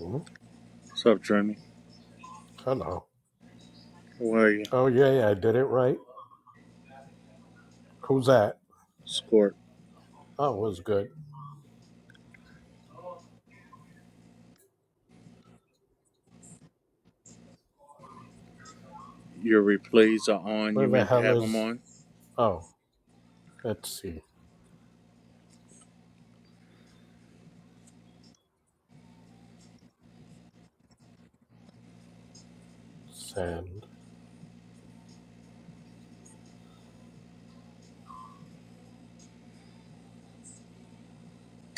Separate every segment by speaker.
Speaker 1: Mm,
Speaker 2: What's up, Jeremy?
Speaker 1: Hello.
Speaker 2: How are you?
Speaker 1: Oh yeah, yeah, I did it right. Who's that?
Speaker 2: Squirt,
Speaker 1: Oh, it was good.
Speaker 2: your replays are on.
Speaker 1: Where
Speaker 2: You
Speaker 1: the
Speaker 2: meant to
Speaker 1: hell
Speaker 2: have them
Speaker 1: is?
Speaker 2: on?
Speaker 1: Oh, let's see. Send.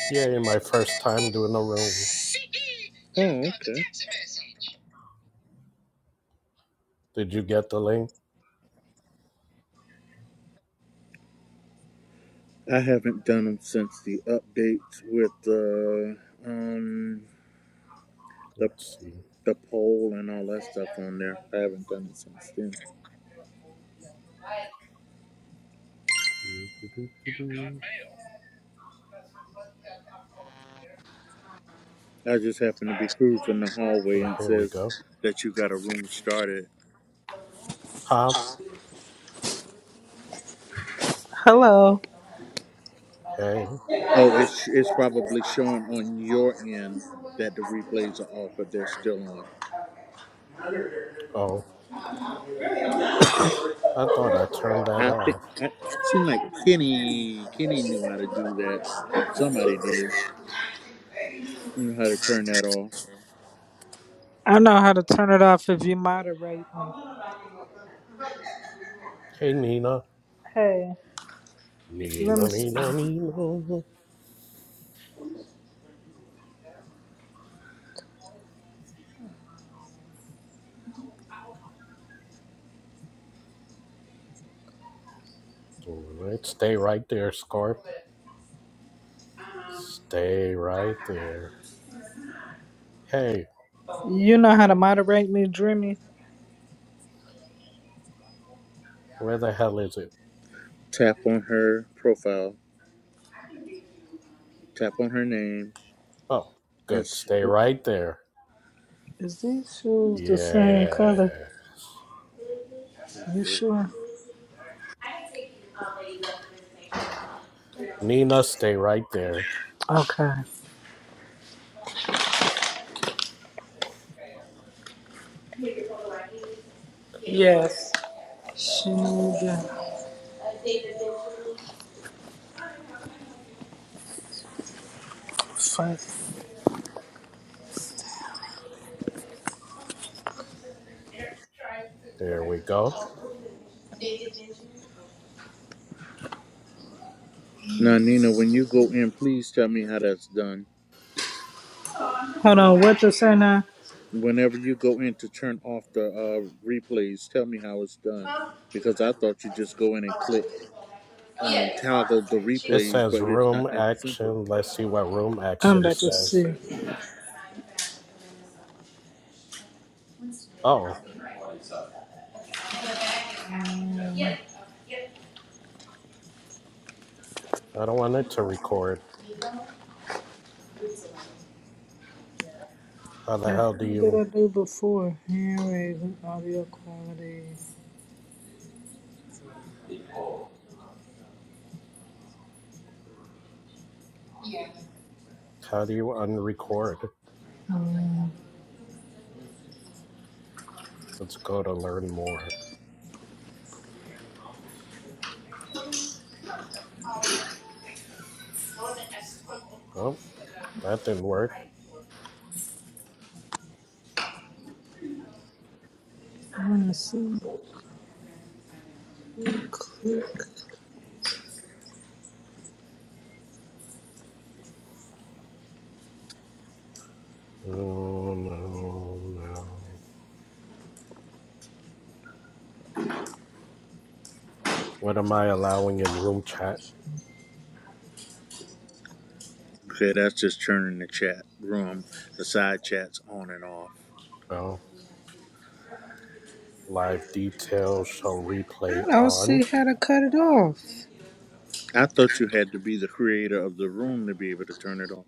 Speaker 1: Yay, my first time doing a room.
Speaker 2: Oh, okay.
Speaker 1: Did you get the link?
Speaker 2: I haven't done them since the updates with the um the
Speaker 1: Let's see.
Speaker 2: the poll and all that stuff on there. I haven't done it since then.
Speaker 1: Do, do, do, do,
Speaker 2: You got
Speaker 1: do.
Speaker 2: mail. I just happened to be cruising the hallway
Speaker 1: Oh,
Speaker 2: and it
Speaker 1: here we
Speaker 2: says
Speaker 1: go.
Speaker 2: that you got a room started
Speaker 1: Huh?
Speaker 3: Hello.
Speaker 1: Hey.
Speaker 2: Oh, it's it's probably showing on your end that the replays are off, but they're still on.
Speaker 1: Oh, I thought I turned that
Speaker 2: I think
Speaker 1: off.
Speaker 2: I seemed like Kenny Kenny knew how to do that. Somebody did knew how to turn that off.
Speaker 3: I know how to turn it off if you moderate me.
Speaker 1: Hey, Nina.
Speaker 3: Hey, let
Speaker 1: Nina,
Speaker 3: me see.
Speaker 1: Nina, Nina. All right, stay right there, Scorp. Stay right there. Hey,
Speaker 3: You know how to moderate me, Dreamy.
Speaker 1: Where the hell is it?
Speaker 2: Tap on her profile. Tap on her name.
Speaker 1: Oh,
Speaker 2: And
Speaker 1: good.
Speaker 2: s-
Speaker 1: Stay
Speaker 2: uh,
Speaker 1: right there.
Speaker 3: Is these shoes the same
Speaker 1: Yeah.
Speaker 3: color? You
Speaker 2: okay.
Speaker 3: sure?
Speaker 1: Nina, stay right there.
Speaker 3: Okay. Yes. She need to fight.
Speaker 1: There we go.
Speaker 2: Now, Nina, when you go in, please tell me how that's done.
Speaker 3: Hold on, what to say now?
Speaker 2: Whenever you go in to turn off the uh, replays, tell me how it's done because I thought you just go in and click. um, toggle the
Speaker 1: It
Speaker 2: replays,
Speaker 1: says
Speaker 2: but it's
Speaker 1: room
Speaker 2: not that simple.
Speaker 1: action. Let's see what room
Speaker 3: I'm
Speaker 1: action
Speaker 3: about to see.
Speaker 1: says. Oh, I don't want it to record. How the
Speaker 3: What the
Speaker 1: hell do
Speaker 3: hell did I
Speaker 1: you
Speaker 3: do before? Hand raising, audio quality.
Speaker 1: how do you unrecord?
Speaker 3: Um,
Speaker 1: Let's go to learn more. Oh, that didn't work.
Speaker 3: I want to see. Click.
Speaker 1: Oh no, no. no. What am I allowing in room chat?
Speaker 2: Okay, that's just turning the chat room, the side chats on and off.
Speaker 1: Oh. Live details show replay
Speaker 3: I don't see
Speaker 1: on.
Speaker 3: how to cut it off.
Speaker 2: I thought you had to be the creator of the room to be able to turn it on.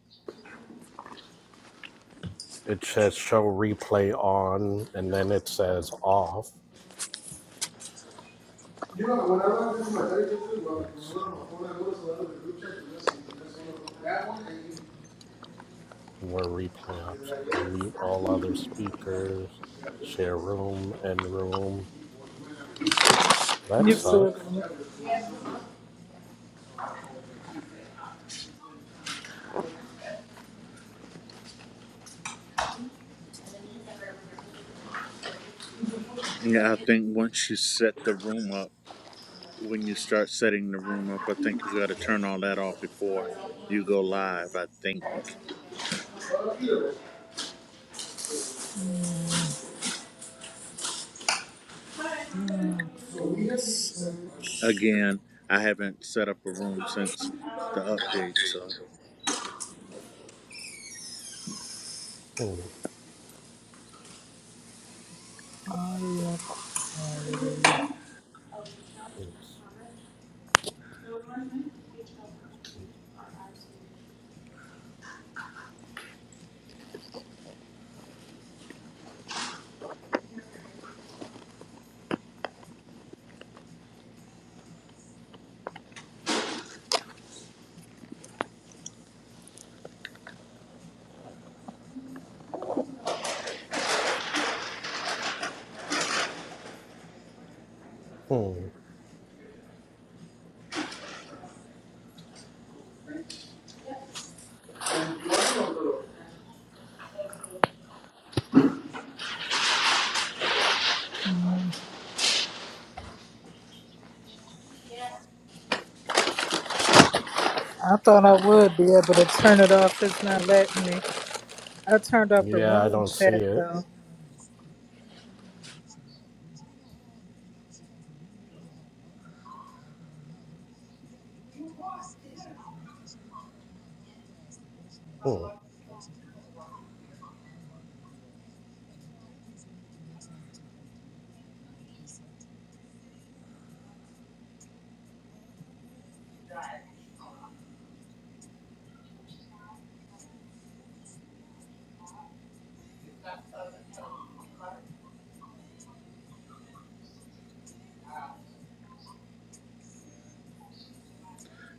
Speaker 1: It says show replay on, and then it says off. Let's see. More replay options. Mute all other speakers. Share room and room. That
Speaker 3: Yes, sir.
Speaker 1: sucks.
Speaker 2: Yeah, I think once you set the room up, when you start setting the room up, I think you got to
Speaker 1: Hmm.
Speaker 2: turn all that off before you go live. I think again, I haven't set up a room since the update, so.
Speaker 1: hmm,
Speaker 3: oh, yeah.
Speaker 1: Let's see. Hmm.
Speaker 3: I thought I would be able to turn it off. It's not letting me. I turned off the
Speaker 1: Yeah, I
Speaker 3: room
Speaker 1: don't see
Speaker 3: chat,
Speaker 1: it.
Speaker 3: though.
Speaker 1: Hmm.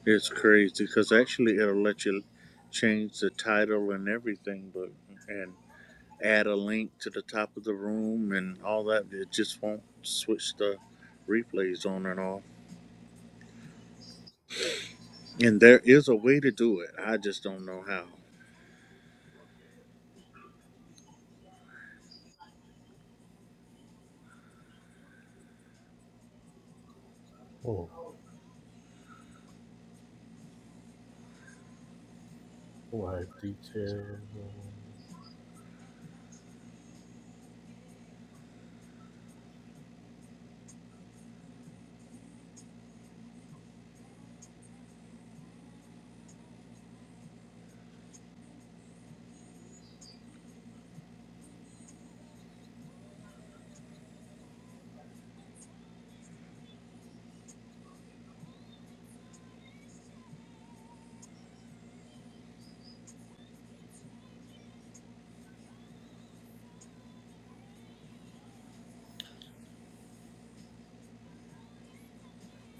Speaker 2: It's crazy because actually it'll let you change the title and everything, but and add a link to the top of the room and all that. It just won't switch the replays on and off. And there is a way to do it. I just don't know how.
Speaker 1: Hmm. Live details.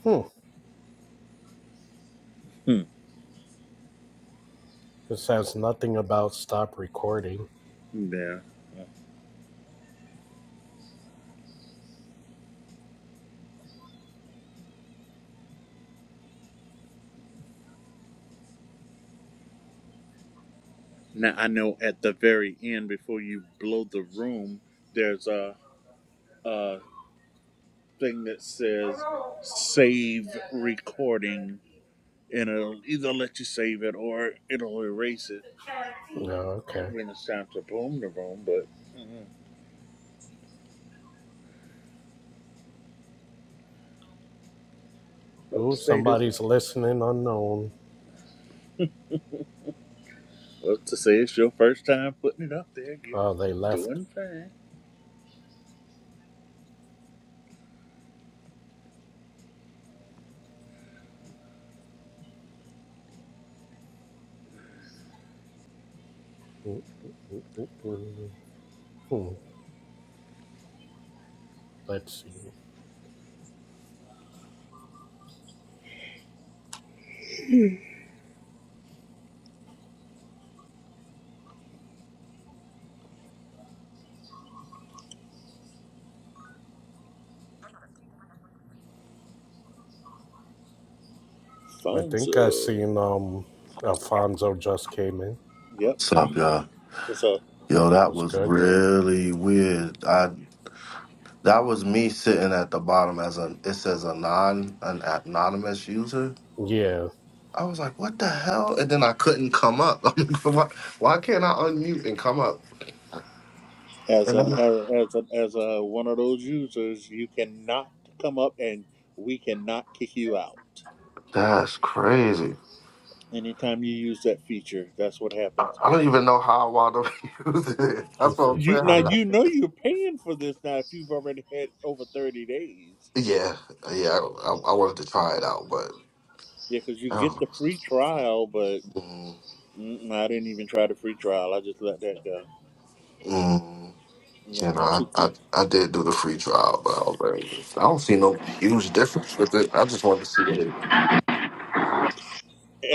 Speaker 1: Hmm.
Speaker 2: Hmm.
Speaker 1: This says nothing about stop recording.
Speaker 2: Yeah. Now I know at the very end before you blow the room, there's a a thing that says save recording and it'll either let you save it or it'll erase it
Speaker 1: No, okay.
Speaker 2: When it's time to boom the room, but what
Speaker 1: Ooh,
Speaker 2: to say this?
Speaker 1: somebody's listening unknown.
Speaker 2: What to say? It's your first time putting it up there. You're
Speaker 1: Oh, they left.
Speaker 2: doing fine.
Speaker 1: ooh, ooh, ooh, ooh. Hmm. Let's see. I think I
Speaker 2: Fonzo.
Speaker 1: seen um Alfonso just came in.
Speaker 2: Yep.
Speaker 4: What's up, y'all?
Speaker 2: So
Speaker 4: Yo, that
Speaker 1: Was
Speaker 4: was
Speaker 1: good.
Speaker 4: really weird. I that was me sitting at the bottom as a it says a non an anonymous user.
Speaker 1: Yeah.
Speaker 4: I was like, what the hell? And then I couldn't come up. I'm like, why, why can't I unmute and come up?
Speaker 2: as
Speaker 4: And
Speaker 2: an
Speaker 4: I'm, like,
Speaker 2: as as a, as a one of those users, you cannot come up and we cannot kick you out.
Speaker 4: that's crazy.
Speaker 2: Anytime you use that feature, that's what
Speaker 4: I,
Speaker 2: happens.
Speaker 4: I don't even know how I wound up using it. That's what
Speaker 1: This
Speaker 4: I'm
Speaker 1: is
Speaker 2: You
Speaker 4: saying.
Speaker 2: now
Speaker 1: crazy.
Speaker 4: How-
Speaker 2: you know you're paying for this now if you've already had over thirty days.
Speaker 4: Yeah, yeah. I, I wanted to try it out, but
Speaker 2: Yeah, because you get
Speaker 4: oh.
Speaker 2: the free trial, but
Speaker 4: mm,
Speaker 2: Mm, I didn't even try the free trial. I just let that go.
Speaker 4: mm.
Speaker 2: You know,
Speaker 4: You know,
Speaker 2: once
Speaker 4: I,
Speaker 2: you,
Speaker 4: I, I did do the free trial, but I, was like, I don't see no huge difference with it. I just wanted to see it.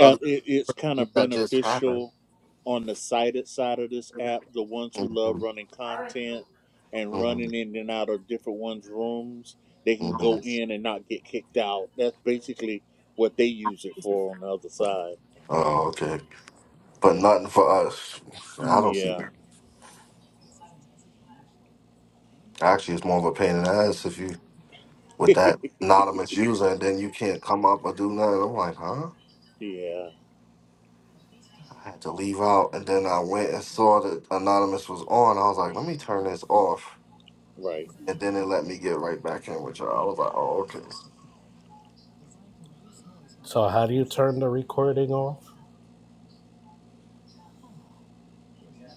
Speaker 2: uh, it, it's kind
Speaker 4: things
Speaker 2: of
Speaker 4: that just happened.
Speaker 2: beneficial on the sighted side of this app. The ones who love
Speaker 4: hmm
Speaker 2: running content and
Speaker 4: hmm
Speaker 2: running in and out of different ones' rooms, they can
Speaker 4: hmm
Speaker 2: go in and not get kicked out. That's basically what they use it for on the other side.
Speaker 4: Oh, okay. But nothing for us. I don't see
Speaker 2: Mm,
Speaker 4: that. Actually, it's more of a pain in the ass if you, with
Speaker 2: Yeah,
Speaker 4: that anonymous user, and then you can't come up or do nothing. I'm like, huh?
Speaker 2: yeah.
Speaker 4: I had to leave out, and then I went and saw that anonymous was on. I was like, let me turn this off,
Speaker 2: Right.
Speaker 4: and then it let me get right back in with y'all. I was like, oh, okay.
Speaker 1: So how do you turn the recording off?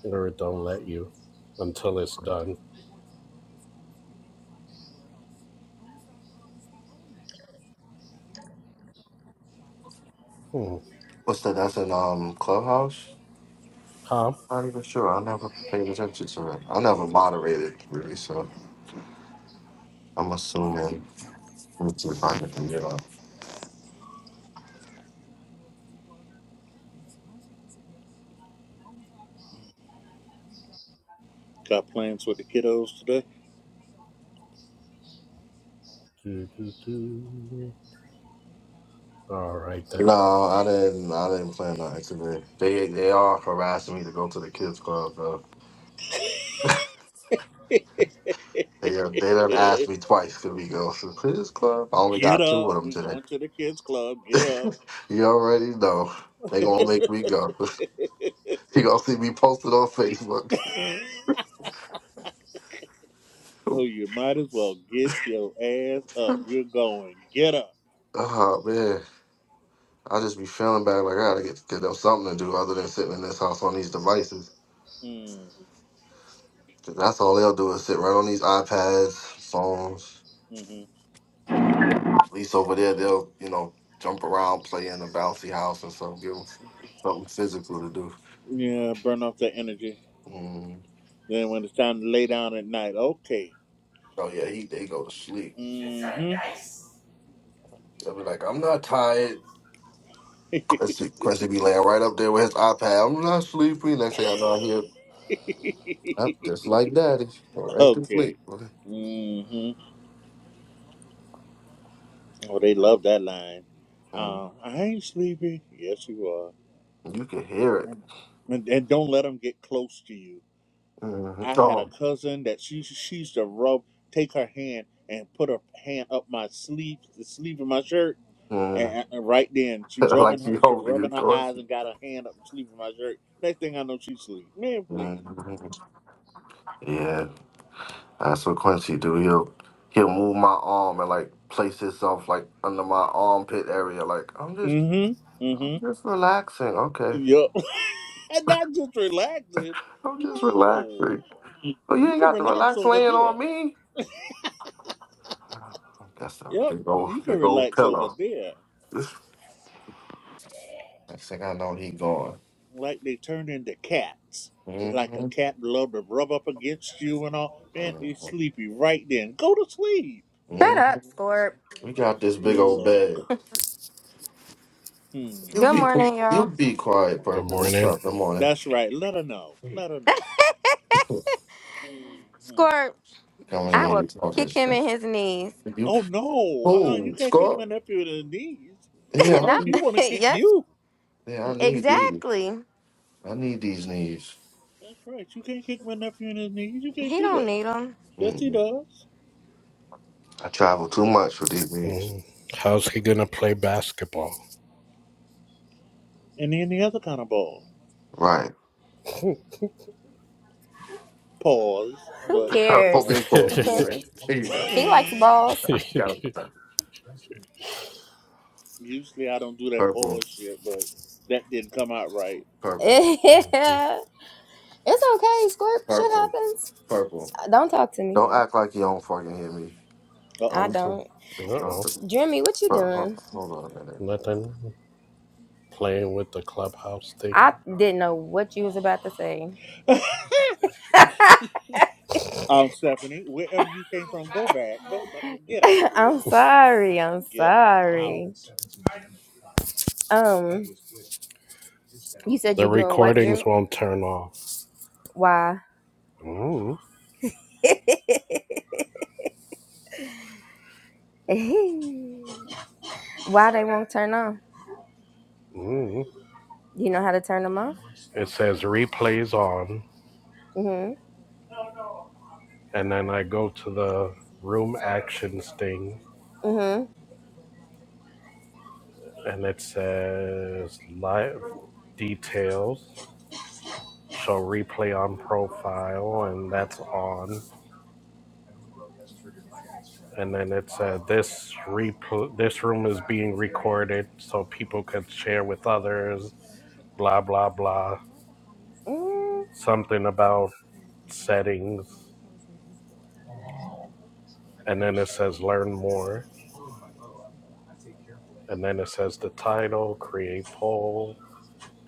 Speaker 1: Or it don't let you until it's done. Hmm.
Speaker 4: What's that? That's in um Clubhouse.
Speaker 1: Huh?
Speaker 4: Not even sure. I never paid attention to it. I never
Speaker 1: Hmm.
Speaker 4: moderated really, so I'm assuming. Let's see if I can get on.
Speaker 2: Got plans with the kiddos today?
Speaker 1: Do, do, do. All right then.
Speaker 4: No, I didn't. I didn't plan on it. They they are harassing me to go to the kids club though. They are, they done asked me twice could we go to the kids club. I only
Speaker 2: get
Speaker 4: got two
Speaker 2: up.
Speaker 4: of them
Speaker 2: We're going to the kids club. Get up.
Speaker 4: today. you already know they gonna make me go. you gonna see me posted on Facebook.
Speaker 2: So you might as well get your ass up. You're going. Get up.
Speaker 4: Oh man. I just be feeling bad. Like I gotta get, get them something to do other than sitting in this house on these devices.
Speaker 2: Mm,
Speaker 4: 'Cause that's all they'll do is sit right on these iPads, phones.
Speaker 2: hmm
Speaker 4: At least over there, they'll you know jump around, play in a bouncy house and stuff. Give them something physical to do.
Speaker 2: Yeah, burn off that energy.
Speaker 4: Mm.
Speaker 2: Then when it's time to lay down at night, okay.
Speaker 4: Oh yeah, he they go to sleep.
Speaker 2: Mm-hmm.
Speaker 4: They'll be like, I'm not tired. Quincy, Quincy be laying right up there with his iPad. I'm not sleepy. Next thing I know, I hear, up just like daddy, go right to
Speaker 2: Okay.
Speaker 4: sleep.
Speaker 2: Mm-hmm. Oh, they love that line.
Speaker 4: Mm.
Speaker 2: Um, I ain't sleepy. Yes, you are.
Speaker 4: You can hear it.
Speaker 2: And, and, and don't let them get close to you.
Speaker 4: hmm
Speaker 2: I had a cousin that she she used to rub, take her hand and put her hand up my sleeve, the sleeve of my shirt,
Speaker 4: Oh.
Speaker 2: and, and right then she
Speaker 4: like
Speaker 2: rubbing
Speaker 4: she
Speaker 2: her, she
Speaker 4: holding you,
Speaker 2: rubbing her eyes
Speaker 4: Quincy.
Speaker 2: and got her hand up the sleeve of my shirt. Next thing I know, she sleep. Man, please.
Speaker 4: Mhm. Yeah, that's what Quincy do. He'll he'll move my arm and like place himself like under my armpit area. Like I'm just
Speaker 2: Mm-hmm.
Speaker 4: I'm
Speaker 2: Mm-hmm.
Speaker 4: just relaxing. Okay,
Speaker 2: Yup. and not just relaxing.
Speaker 4: I'm just
Speaker 2: No,
Speaker 4: relaxing. But you
Speaker 2: you
Speaker 4: ain't
Speaker 2: can
Speaker 4: got to
Speaker 2: relax
Speaker 4: relax
Speaker 2: over
Speaker 4: laying
Speaker 2: there.
Speaker 4: on me. That's a
Speaker 2: Yep,
Speaker 4: big old
Speaker 2: you can
Speaker 4: big old
Speaker 2: relax over
Speaker 4: pillow.
Speaker 2: there.
Speaker 4: Next thing I know, he gone.
Speaker 2: Like they turned into cats. Like a
Speaker 4: hmm
Speaker 2: cat love to rub up against you and all. Man, they
Speaker 4: hmm
Speaker 2: sleepy right then. Go to sleep.
Speaker 5: Shut up, Scorp.
Speaker 4: We got this big old
Speaker 2: Look.
Speaker 4: bed.
Speaker 2: Hmm.
Speaker 4: You
Speaker 5: Good
Speaker 4: be
Speaker 5: morning,
Speaker 4: you
Speaker 5: y'all.
Speaker 4: be
Speaker 2: Good
Speaker 4: quiet,
Speaker 2: morning.
Speaker 1: Good
Speaker 4: purple. What's
Speaker 1: morning.
Speaker 4: up? Good morning.
Speaker 2: That's right. Let her know. Let her know. hmm
Speaker 5: Scorp,
Speaker 4: coming
Speaker 2: Yes,
Speaker 4: in
Speaker 5: I
Speaker 4: here
Speaker 2: ma'am.
Speaker 5: will
Speaker 4: and talking
Speaker 5: kick him
Speaker 4: shit.
Speaker 5: in his knees.
Speaker 4: You,
Speaker 2: Oh no. Uh-uh. You
Speaker 4: oh,
Speaker 2: can't kick my
Speaker 4: Scott.
Speaker 2: nephew in the knees.
Speaker 4: Yeah, I
Speaker 2: No,
Speaker 5: Not,
Speaker 2: he
Speaker 4: need,
Speaker 2: want to kick
Speaker 5: yep,
Speaker 2: you.
Speaker 4: yeah, I need these.
Speaker 5: exactly.
Speaker 4: I need these knees.
Speaker 2: That's right. You can't kick my nephew in his knees. You can't
Speaker 5: He
Speaker 2: do
Speaker 5: don't
Speaker 2: that.
Speaker 5: need them.
Speaker 2: Yes, he
Speaker 4: mm
Speaker 2: does.
Speaker 4: I travel too much for these knees.
Speaker 1: Mm. How's he gonna play basketball?
Speaker 2: And any other kind of ball.
Speaker 4: Right.
Speaker 2: Pause,
Speaker 5: Who
Speaker 2: but
Speaker 4: Put
Speaker 2: yeah.
Speaker 5: cares?
Speaker 4: big corner. You right. There you go.
Speaker 5: he likes balls.
Speaker 4: I forgot about that.
Speaker 2: Usually I don't do that
Speaker 4: Purple,
Speaker 2: pause shit, but that didn't come out right.
Speaker 4: purple,
Speaker 1: Mhm.
Speaker 5: Yeah. it's okay, Scorp. Shit
Speaker 4: purple,
Speaker 5: happens.
Speaker 4: purple.
Speaker 5: Don't talk to me.
Speaker 4: Don't act like you don't fucking hear me.
Speaker 2: Uh
Speaker 5: I
Speaker 4: I'm,
Speaker 2: oh.
Speaker 4: hold
Speaker 5: don't.
Speaker 1: Uh-oh.
Speaker 5: Jimmy, what you doing?
Speaker 4: hold on a minute.
Speaker 1: Nothing playing with the clubhouse thing.
Speaker 5: I didn't know what you was about to say.
Speaker 2: Um, Stephanie, wherever you came from, go back. Don't uh, get out.
Speaker 5: I'm sorry. I'm
Speaker 2: Get out.
Speaker 5: sorry. Um. You said
Speaker 1: The
Speaker 5: you're doing what, Dream?
Speaker 1: recordings won't turn off.
Speaker 5: Why?
Speaker 1: mm
Speaker 5: Why they won't turn on?
Speaker 1: Hmm.
Speaker 5: Do you know how to turn them on?
Speaker 1: It says replays on,
Speaker 5: Mm-hmm.
Speaker 1: and then I go to the room actions thing,
Speaker 5: Mm-hmm.
Speaker 1: and it says live details. Show replay on profile, and that's on. and then it said this repl- this room is being recorded so people can share with others blah blah blah
Speaker 5: Mm.
Speaker 1: something about settings and then it says learn more and then it says the title create poll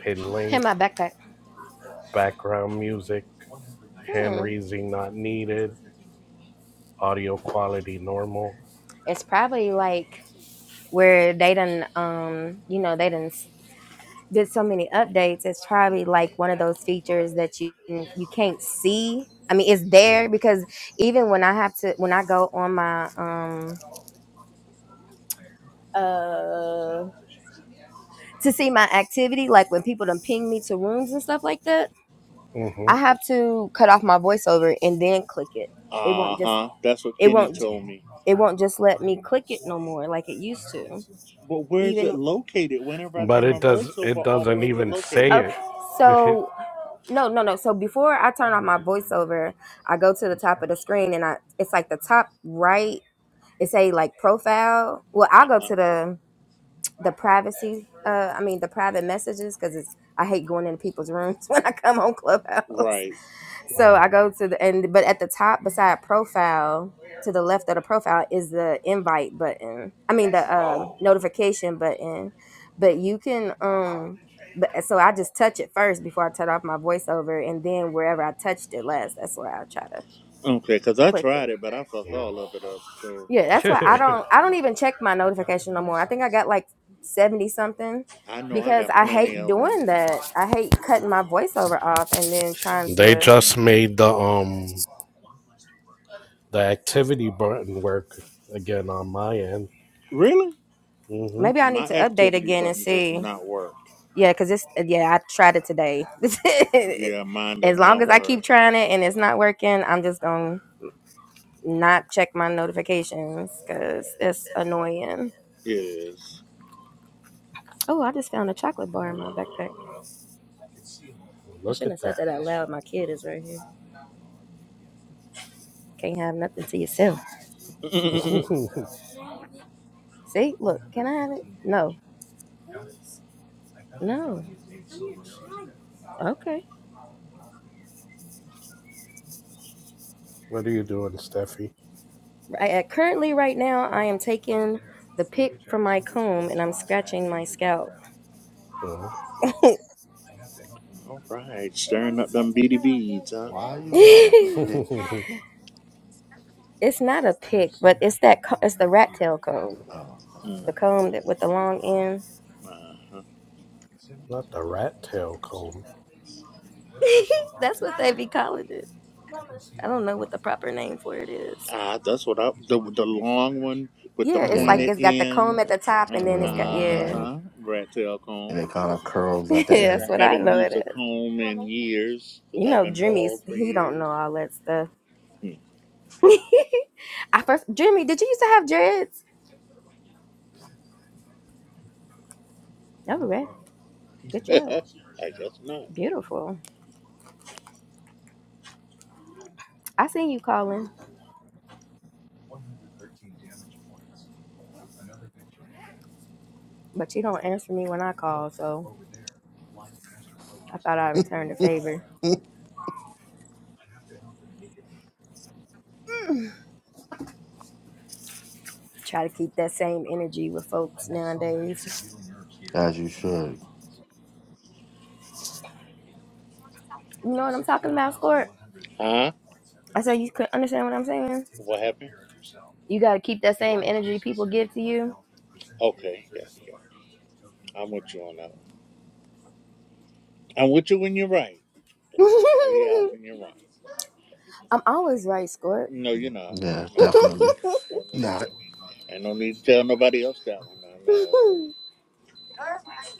Speaker 1: pin
Speaker 5: Hey,
Speaker 1: link
Speaker 5: my backpack.
Speaker 1: background music hand
Speaker 5: Hmm.
Speaker 1: raising not needed audio quality normal
Speaker 5: It's probably like where they done, um, you know, they done s- did so many updates. It's probably like one of those features that you you can't see. I mean, it's
Speaker 1: Mm,
Speaker 5: there because even when I have to, when I go on my um uh to see my activity, like when people done ping me to rooms and stuff like that, I
Speaker 1: mm-hmm.
Speaker 5: have to cut off my voiceover and then click it. It
Speaker 2: Uh
Speaker 5: won't just
Speaker 2: huh. That's what
Speaker 5: it
Speaker 2: Kenny
Speaker 5: won't
Speaker 2: told me.
Speaker 5: it won't just let me click it no more like it used to.
Speaker 2: But where is it
Speaker 5: Even
Speaker 2: located? Whenever I
Speaker 1: but
Speaker 2: turn my
Speaker 1: it does
Speaker 2: voiceover
Speaker 1: it
Speaker 2: off,
Speaker 1: doesn't
Speaker 2: where is it
Speaker 1: even
Speaker 2: located?
Speaker 5: okay,
Speaker 1: say it
Speaker 5: so no no no. So before I turn off my voiceover, I go to the top of the screen and I it's like the top right. It say like profile. Well, I'll go
Speaker 2: Uh-uh.
Speaker 5: to the the privacy uh i mean the private messages because it's i hate going into people's rooms when i come on clubhouse
Speaker 2: Right.
Speaker 5: so i go to the and but at the top beside profile to the left of the profile is the invite button i mean the um notification button but you can um but so i just touch it first before i turn off my voiceover and then wherever i touched it last that's where i try to
Speaker 2: Okay, because I
Speaker 5: click it
Speaker 2: tried it, but I fucked
Speaker 1: Mm.
Speaker 2: all of it up. So
Speaker 5: yeah, that's why I don't I don't even check my notification no more. I think I got like 70 something
Speaker 2: I know I
Speaker 5: because
Speaker 2: got
Speaker 5: I
Speaker 2: plenty
Speaker 5: hate
Speaker 2: of them.
Speaker 5: doing that. I hate cutting my voiceover off and then trying
Speaker 1: They
Speaker 5: to
Speaker 1: just
Speaker 2: Mm.
Speaker 1: made the um the activity button work again on my end.
Speaker 2: Really?
Speaker 1: hmm
Speaker 5: Maybe I need
Speaker 2: My
Speaker 5: to update
Speaker 2: activity
Speaker 5: again and
Speaker 2: button does
Speaker 5: see.
Speaker 2: not work.
Speaker 5: Yeah, cuz it's yeah, I tried it today.
Speaker 2: Yeah, mine does
Speaker 5: as long
Speaker 2: not
Speaker 5: as I
Speaker 2: work.
Speaker 5: keep trying it and it's not working, I'm just going to not check my notifications cuz it's annoying.
Speaker 2: It is.
Speaker 5: Oh, I just found a chocolate bar in my backpack. I
Speaker 1: Look
Speaker 5: shouldn't
Speaker 1: at
Speaker 5: have said
Speaker 1: that.
Speaker 5: that out loud. My kid is right here. Can't have nothing to yourself. See, look, can I have it? No. No. Okay.
Speaker 1: what are you doing, Steffi?
Speaker 5: I, at- currently, right now, I am taking the pick from my comb and I'm scratching my scalp.
Speaker 1: No.
Speaker 2: All right, stirring up them beady beads, huh?
Speaker 4: Why you got a
Speaker 1: Not
Speaker 5: it's
Speaker 4: pick?
Speaker 5: not a pick, but it's that. Co- it's the rat tail comb.
Speaker 4: Oh,
Speaker 2: Mm-hmm.
Speaker 5: The
Speaker 4: okay.
Speaker 5: comb that with the long end.
Speaker 2: Uh-huh.
Speaker 1: the rat tail comb.
Speaker 5: That's what they be calling it. I don't know what the proper name for it is.
Speaker 2: Ah, that's what I the the long one with the
Speaker 5: Yeah, it's like
Speaker 4: yeah,
Speaker 2: pointed
Speaker 5: it's got the comb
Speaker 2: end.
Speaker 5: at the
Speaker 4: it's
Speaker 5: top,
Speaker 2: Uh
Speaker 4: the
Speaker 5: and then
Speaker 4: real
Speaker 5: it's got
Speaker 4: long
Speaker 5: yeah.
Speaker 4: handle,
Speaker 2: huh. Rat tail
Speaker 4: and
Speaker 2: comb,
Speaker 4: it kind of curls
Speaker 5: yeah,
Speaker 4: at the
Speaker 2: which
Speaker 4: end.
Speaker 2: I
Speaker 5: that's what I
Speaker 2: haven't
Speaker 5: know it
Speaker 2: used a
Speaker 5: is.
Speaker 2: comb in years because
Speaker 5: You
Speaker 2: I've
Speaker 5: know,
Speaker 2: been
Speaker 5: Jimmy's
Speaker 2: bald for
Speaker 5: he don't
Speaker 2: years.
Speaker 5: know all that stuff.
Speaker 2: Hmm.
Speaker 5: I first Jimmy, did you used to have dreads? Oh, right. Good job.
Speaker 2: I guess not.
Speaker 5: Beautiful. I seen you calling, but you don't answer me when I call, so I thought I'd return the favor. Try to keep that same energy with folks nowadays.
Speaker 4: As you should.
Speaker 5: You know what I'm talking about, Squirt?
Speaker 2: Huh?
Speaker 5: I said you could understand what I'm saying.
Speaker 2: What happened?
Speaker 5: You got to keep that same energy people give to you.
Speaker 2: Okay, yeah, yeah. I'm with you on that one. I'm with you when you're right. But I'm gonna call you out when you're wrong.
Speaker 5: I'm always right, Squirt.
Speaker 2: No, you're not. No,
Speaker 4: Yeah,
Speaker 2: you're not. No,
Speaker 4: definitely.
Speaker 2: don't need to.
Speaker 4: Not.
Speaker 2: And no need to tell nobody else that one. I know.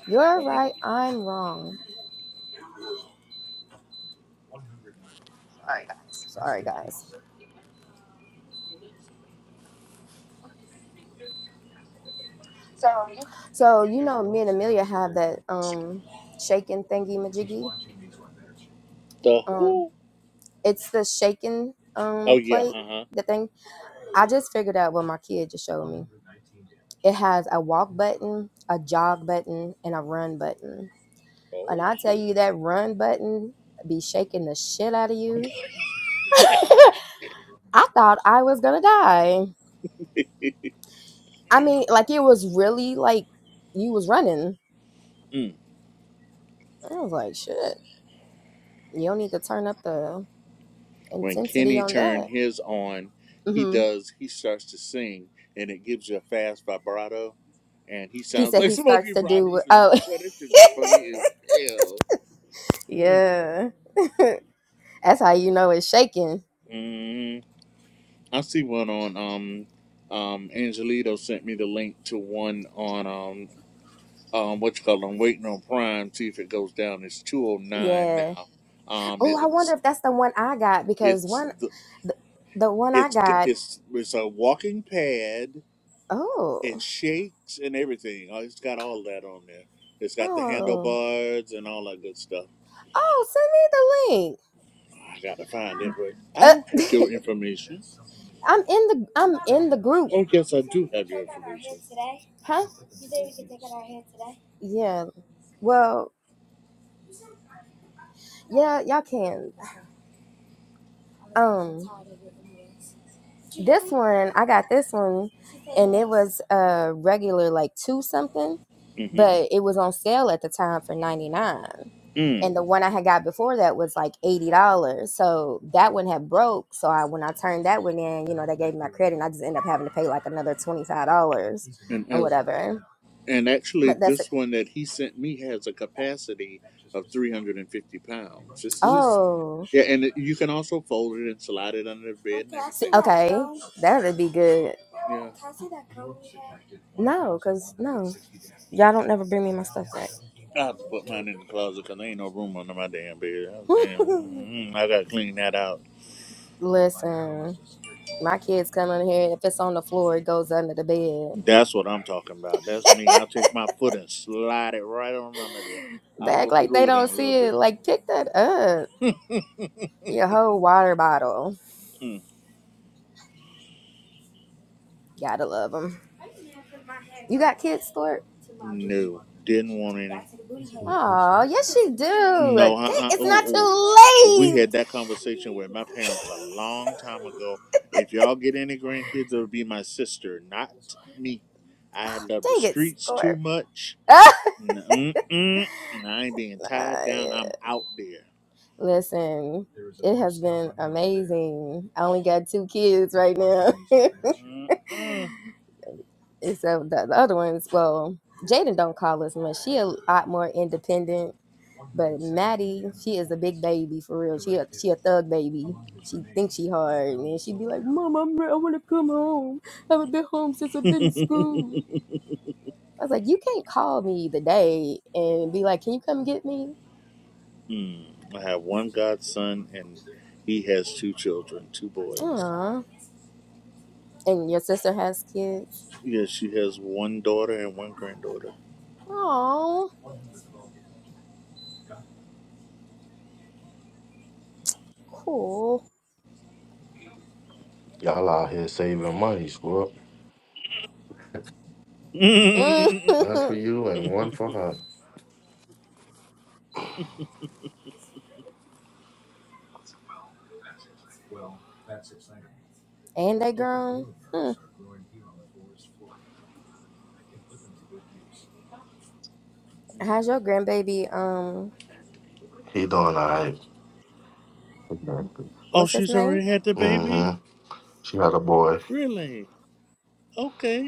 Speaker 5: You're right, I'm wrong. Sorry, guys. So, you know, me and Amelia have that um shaken thingy majiggy.
Speaker 2: The
Speaker 5: Um,
Speaker 2: who?
Speaker 5: it's the shaken
Speaker 2: Oh
Speaker 5: um
Speaker 2: yeah.
Speaker 5: plate,
Speaker 2: Uh huh.
Speaker 5: the thing I just figured out what my kid just showed me. It has a walk button, a jog button, and a run button. And
Speaker 2: Oh
Speaker 5: I tell
Speaker 2: shit.
Speaker 5: you that run button be shaking the shit out of you. I thought I was gonna die. I mean, like it was really like you was running.
Speaker 2: Mm.
Speaker 5: I was like, shit, you don't need to turn up the
Speaker 2: When
Speaker 5: intensity
Speaker 2: Kenny
Speaker 5: on
Speaker 2: turned
Speaker 5: that.
Speaker 2: his on, he
Speaker 5: hmm
Speaker 2: does. He starts to sing, and it gives you a fast vibrato, and he
Speaker 5: He
Speaker 2: sounds
Speaker 5: said
Speaker 2: like
Speaker 5: he starts
Speaker 2: Smokey
Speaker 5: to do.
Speaker 2: Robinson.
Speaker 5: Oh,
Speaker 2: But it should be funny as hell. Mm.
Speaker 5: yeah, that's how you know it's shaking.
Speaker 2: Mm. I see one on um um Angelito sent me the link to one on um um, what you call it, I'm waiting on Prime, see if it goes down. It's 209
Speaker 5: Yeah.
Speaker 2: now. Um,
Speaker 5: Oh, I wonder
Speaker 2: it's,
Speaker 5: if that's the one I got because
Speaker 2: it's,
Speaker 5: one,
Speaker 2: the,
Speaker 5: the, the one I
Speaker 2: it's,
Speaker 5: got.
Speaker 2: it's, it's a walking pad. It
Speaker 5: Oh,
Speaker 2: shakes and everything. Oh, it's got all that on there. It's got the
Speaker 5: oh,
Speaker 2: handlebars and all that good stuff.
Speaker 5: oh! Send me the link.
Speaker 2: I gotta find it, but I
Speaker 5: Uh,
Speaker 2: don't have your information.
Speaker 5: I'm in the I'm in the group,
Speaker 2: Oh, yes, I do have your information.
Speaker 5: huh? Yeah. Well, yeah, y'all can. Um, this one I got this one, and it was uh regular like two something,
Speaker 2: Mm-hmm.
Speaker 5: but it was on sale at the time for ninety nine.
Speaker 2: Mm.
Speaker 5: and the one I had got before that was like eighty dollars. So that one had broke. So I when I turned that one in, you know, they gave me my credit, and I just ended up having to pay like another twenty five dollars
Speaker 2: And
Speaker 5: or
Speaker 2: as
Speaker 5: whatever.
Speaker 2: And actually,
Speaker 5: But that's a,
Speaker 2: this one that he sent me has a capacity of 350 pounds. This is
Speaker 5: oh.
Speaker 2: yeah, and it, you can also fold it and slide it under the bed and
Speaker 5: See,
Speaker 2: everything. But
Speaker 5: okay, that would be good.
Speaker 2: yeah,
Speaker 5: No, cause no, y'all don't never bring me my stuff back.
Speaker 2: I have to put mine in the closet because there ain't no room under my damn bed. I was damn, mm, I gotta clean that out.
Speaker 5: Listen, my kids come in here. and If it's on the floor, it goes under the bed.
Speaker 2: That's what I'm talking about. That's me. I'll take my foot and slide it right on under there.
Speaker 5: They
Speaker 2: I'll go
Speaker 5: act like they
Speaker 2: through it in
Speaker 5: don't
Speaker 2: a little
Speaker 5: see it.
Speaker 2: bit.
Speaker 5: Like, pick that up. Your whole water bottle.
Speaker 2: Mm,
Speaker 5: Gotta love them. You got kids, Stuart?
Speaker 2: no, didn't want any.
Speaker 1: Mm-mm.
Speaker 5: Oh, yes, you do.
Speaker 2: No, uh,
Speaker 5: Dang,
Speaker 2: uh
Speaker 5: it's not too
Speaker 2: oh, oh. we
Speaker 5: late.
Speaker 2: had that conversation with my parents a long time ago. If y'all get any grandkids, it'll be my sister, not me. I love the
Speaker 5: Dang it,
Speaker 2: streets too
Speaker 5: Stuart.
Speaker 2: much.
Speaker 5: Ah!
Speaker 2: Mm-mm-mm. I ain't being tied down.
Speaker 5: yeah.
Speaker 2: I'm out there.
Speaker 5: Listen, it has been amazing. I only got two kids right now.
Speaker 2: Mm-mm. Mm.
Speaker 5: Except the, the other ones, well, Jaden don't call us much. She a lot more independent. But Maddie, she is a big baby for real. She a, she a thug baby. She thinks she hard, and then she be like, "Mom, I'm re- I want to come home. I haven't been home since I've been to school." I was like, "You can't call me the day and be like, 'Can you come get me?"
Speaker 2: Hmm. I have one godson, and he has two children, two boys.
Speaker 5: Aw, And your sister has kids?
Speaker 2: Yes, she has one daughter and one granddaughter.
Speaker 5: Oh, cool.
Speaker 4: Y'all out here saving money, squirrel.
Speaker 5: and
Speaker 4: One for you and one for her.
Speaker 5: they grown? Hmm. How's your grandbaby? Um,
Speaker 4: He doing all right. Exactly.
Speaker 2: Oh,
Speaker 5: what's his
Speaker 2: she's
Speaker 5: name?
Speaker 2: already had the baby?
Speaker 4: Mm-hmm. She had a boy.
Speaker 2: Really? Okay.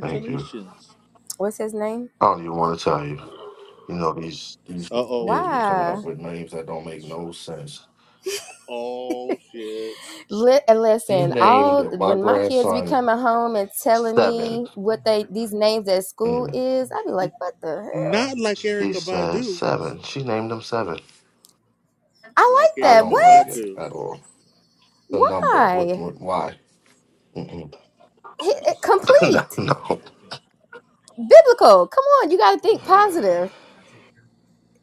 Speaker 4: Thank you.
Speaker 5: What's his name?
Speaker 4: I don't even want to tell you. You know, these, these
Speaker 2: Uh oh.
Speaker 4: kids be coming up
Speaker 5: Why?
Speaker 4: with names that don't make no sense.
Speaker 2: Oh shit.
Speaker 5: Li-
Speaker 4: She
Speaker 5: listen,
Speaker 4: named
Speaker 5: all
Speaker 4: my
Speaker 5: when my kids be
Speaker 4: grandson
Speaker 5: coming home and telling
Speaker 4: Seven.
Speaker 5: me what they these names at school
Speaker 4: Yeah.
Speaker 5: is, i be like, what the hell?
Speaker 2: Not like
Speaker 4: She
Speaker 2: Erica
Speaker 4: said
Speaker 2: Badu.
Speaker 4: Seven. She named him Seven.
Speaker 5: I
Speaker 2: Like
Speaker 5: like
Speaker 4: I
Speaker 5: that.
Speaker 2: Erica
Speaker 4: don't
Speaker 5: What?
Speaker 4: like it
Speaker 2: Badu.
Speaker 4: at all. The number. What,
Speaker 5: Why?
Speaker 4: what, why? Mm-mm.
Speaker 5: Hit,
Speaker 4: no,
Speaker 5: complete.
Speaker 4: no.
Speaker 5: Biblical. Come on, you got to think positive.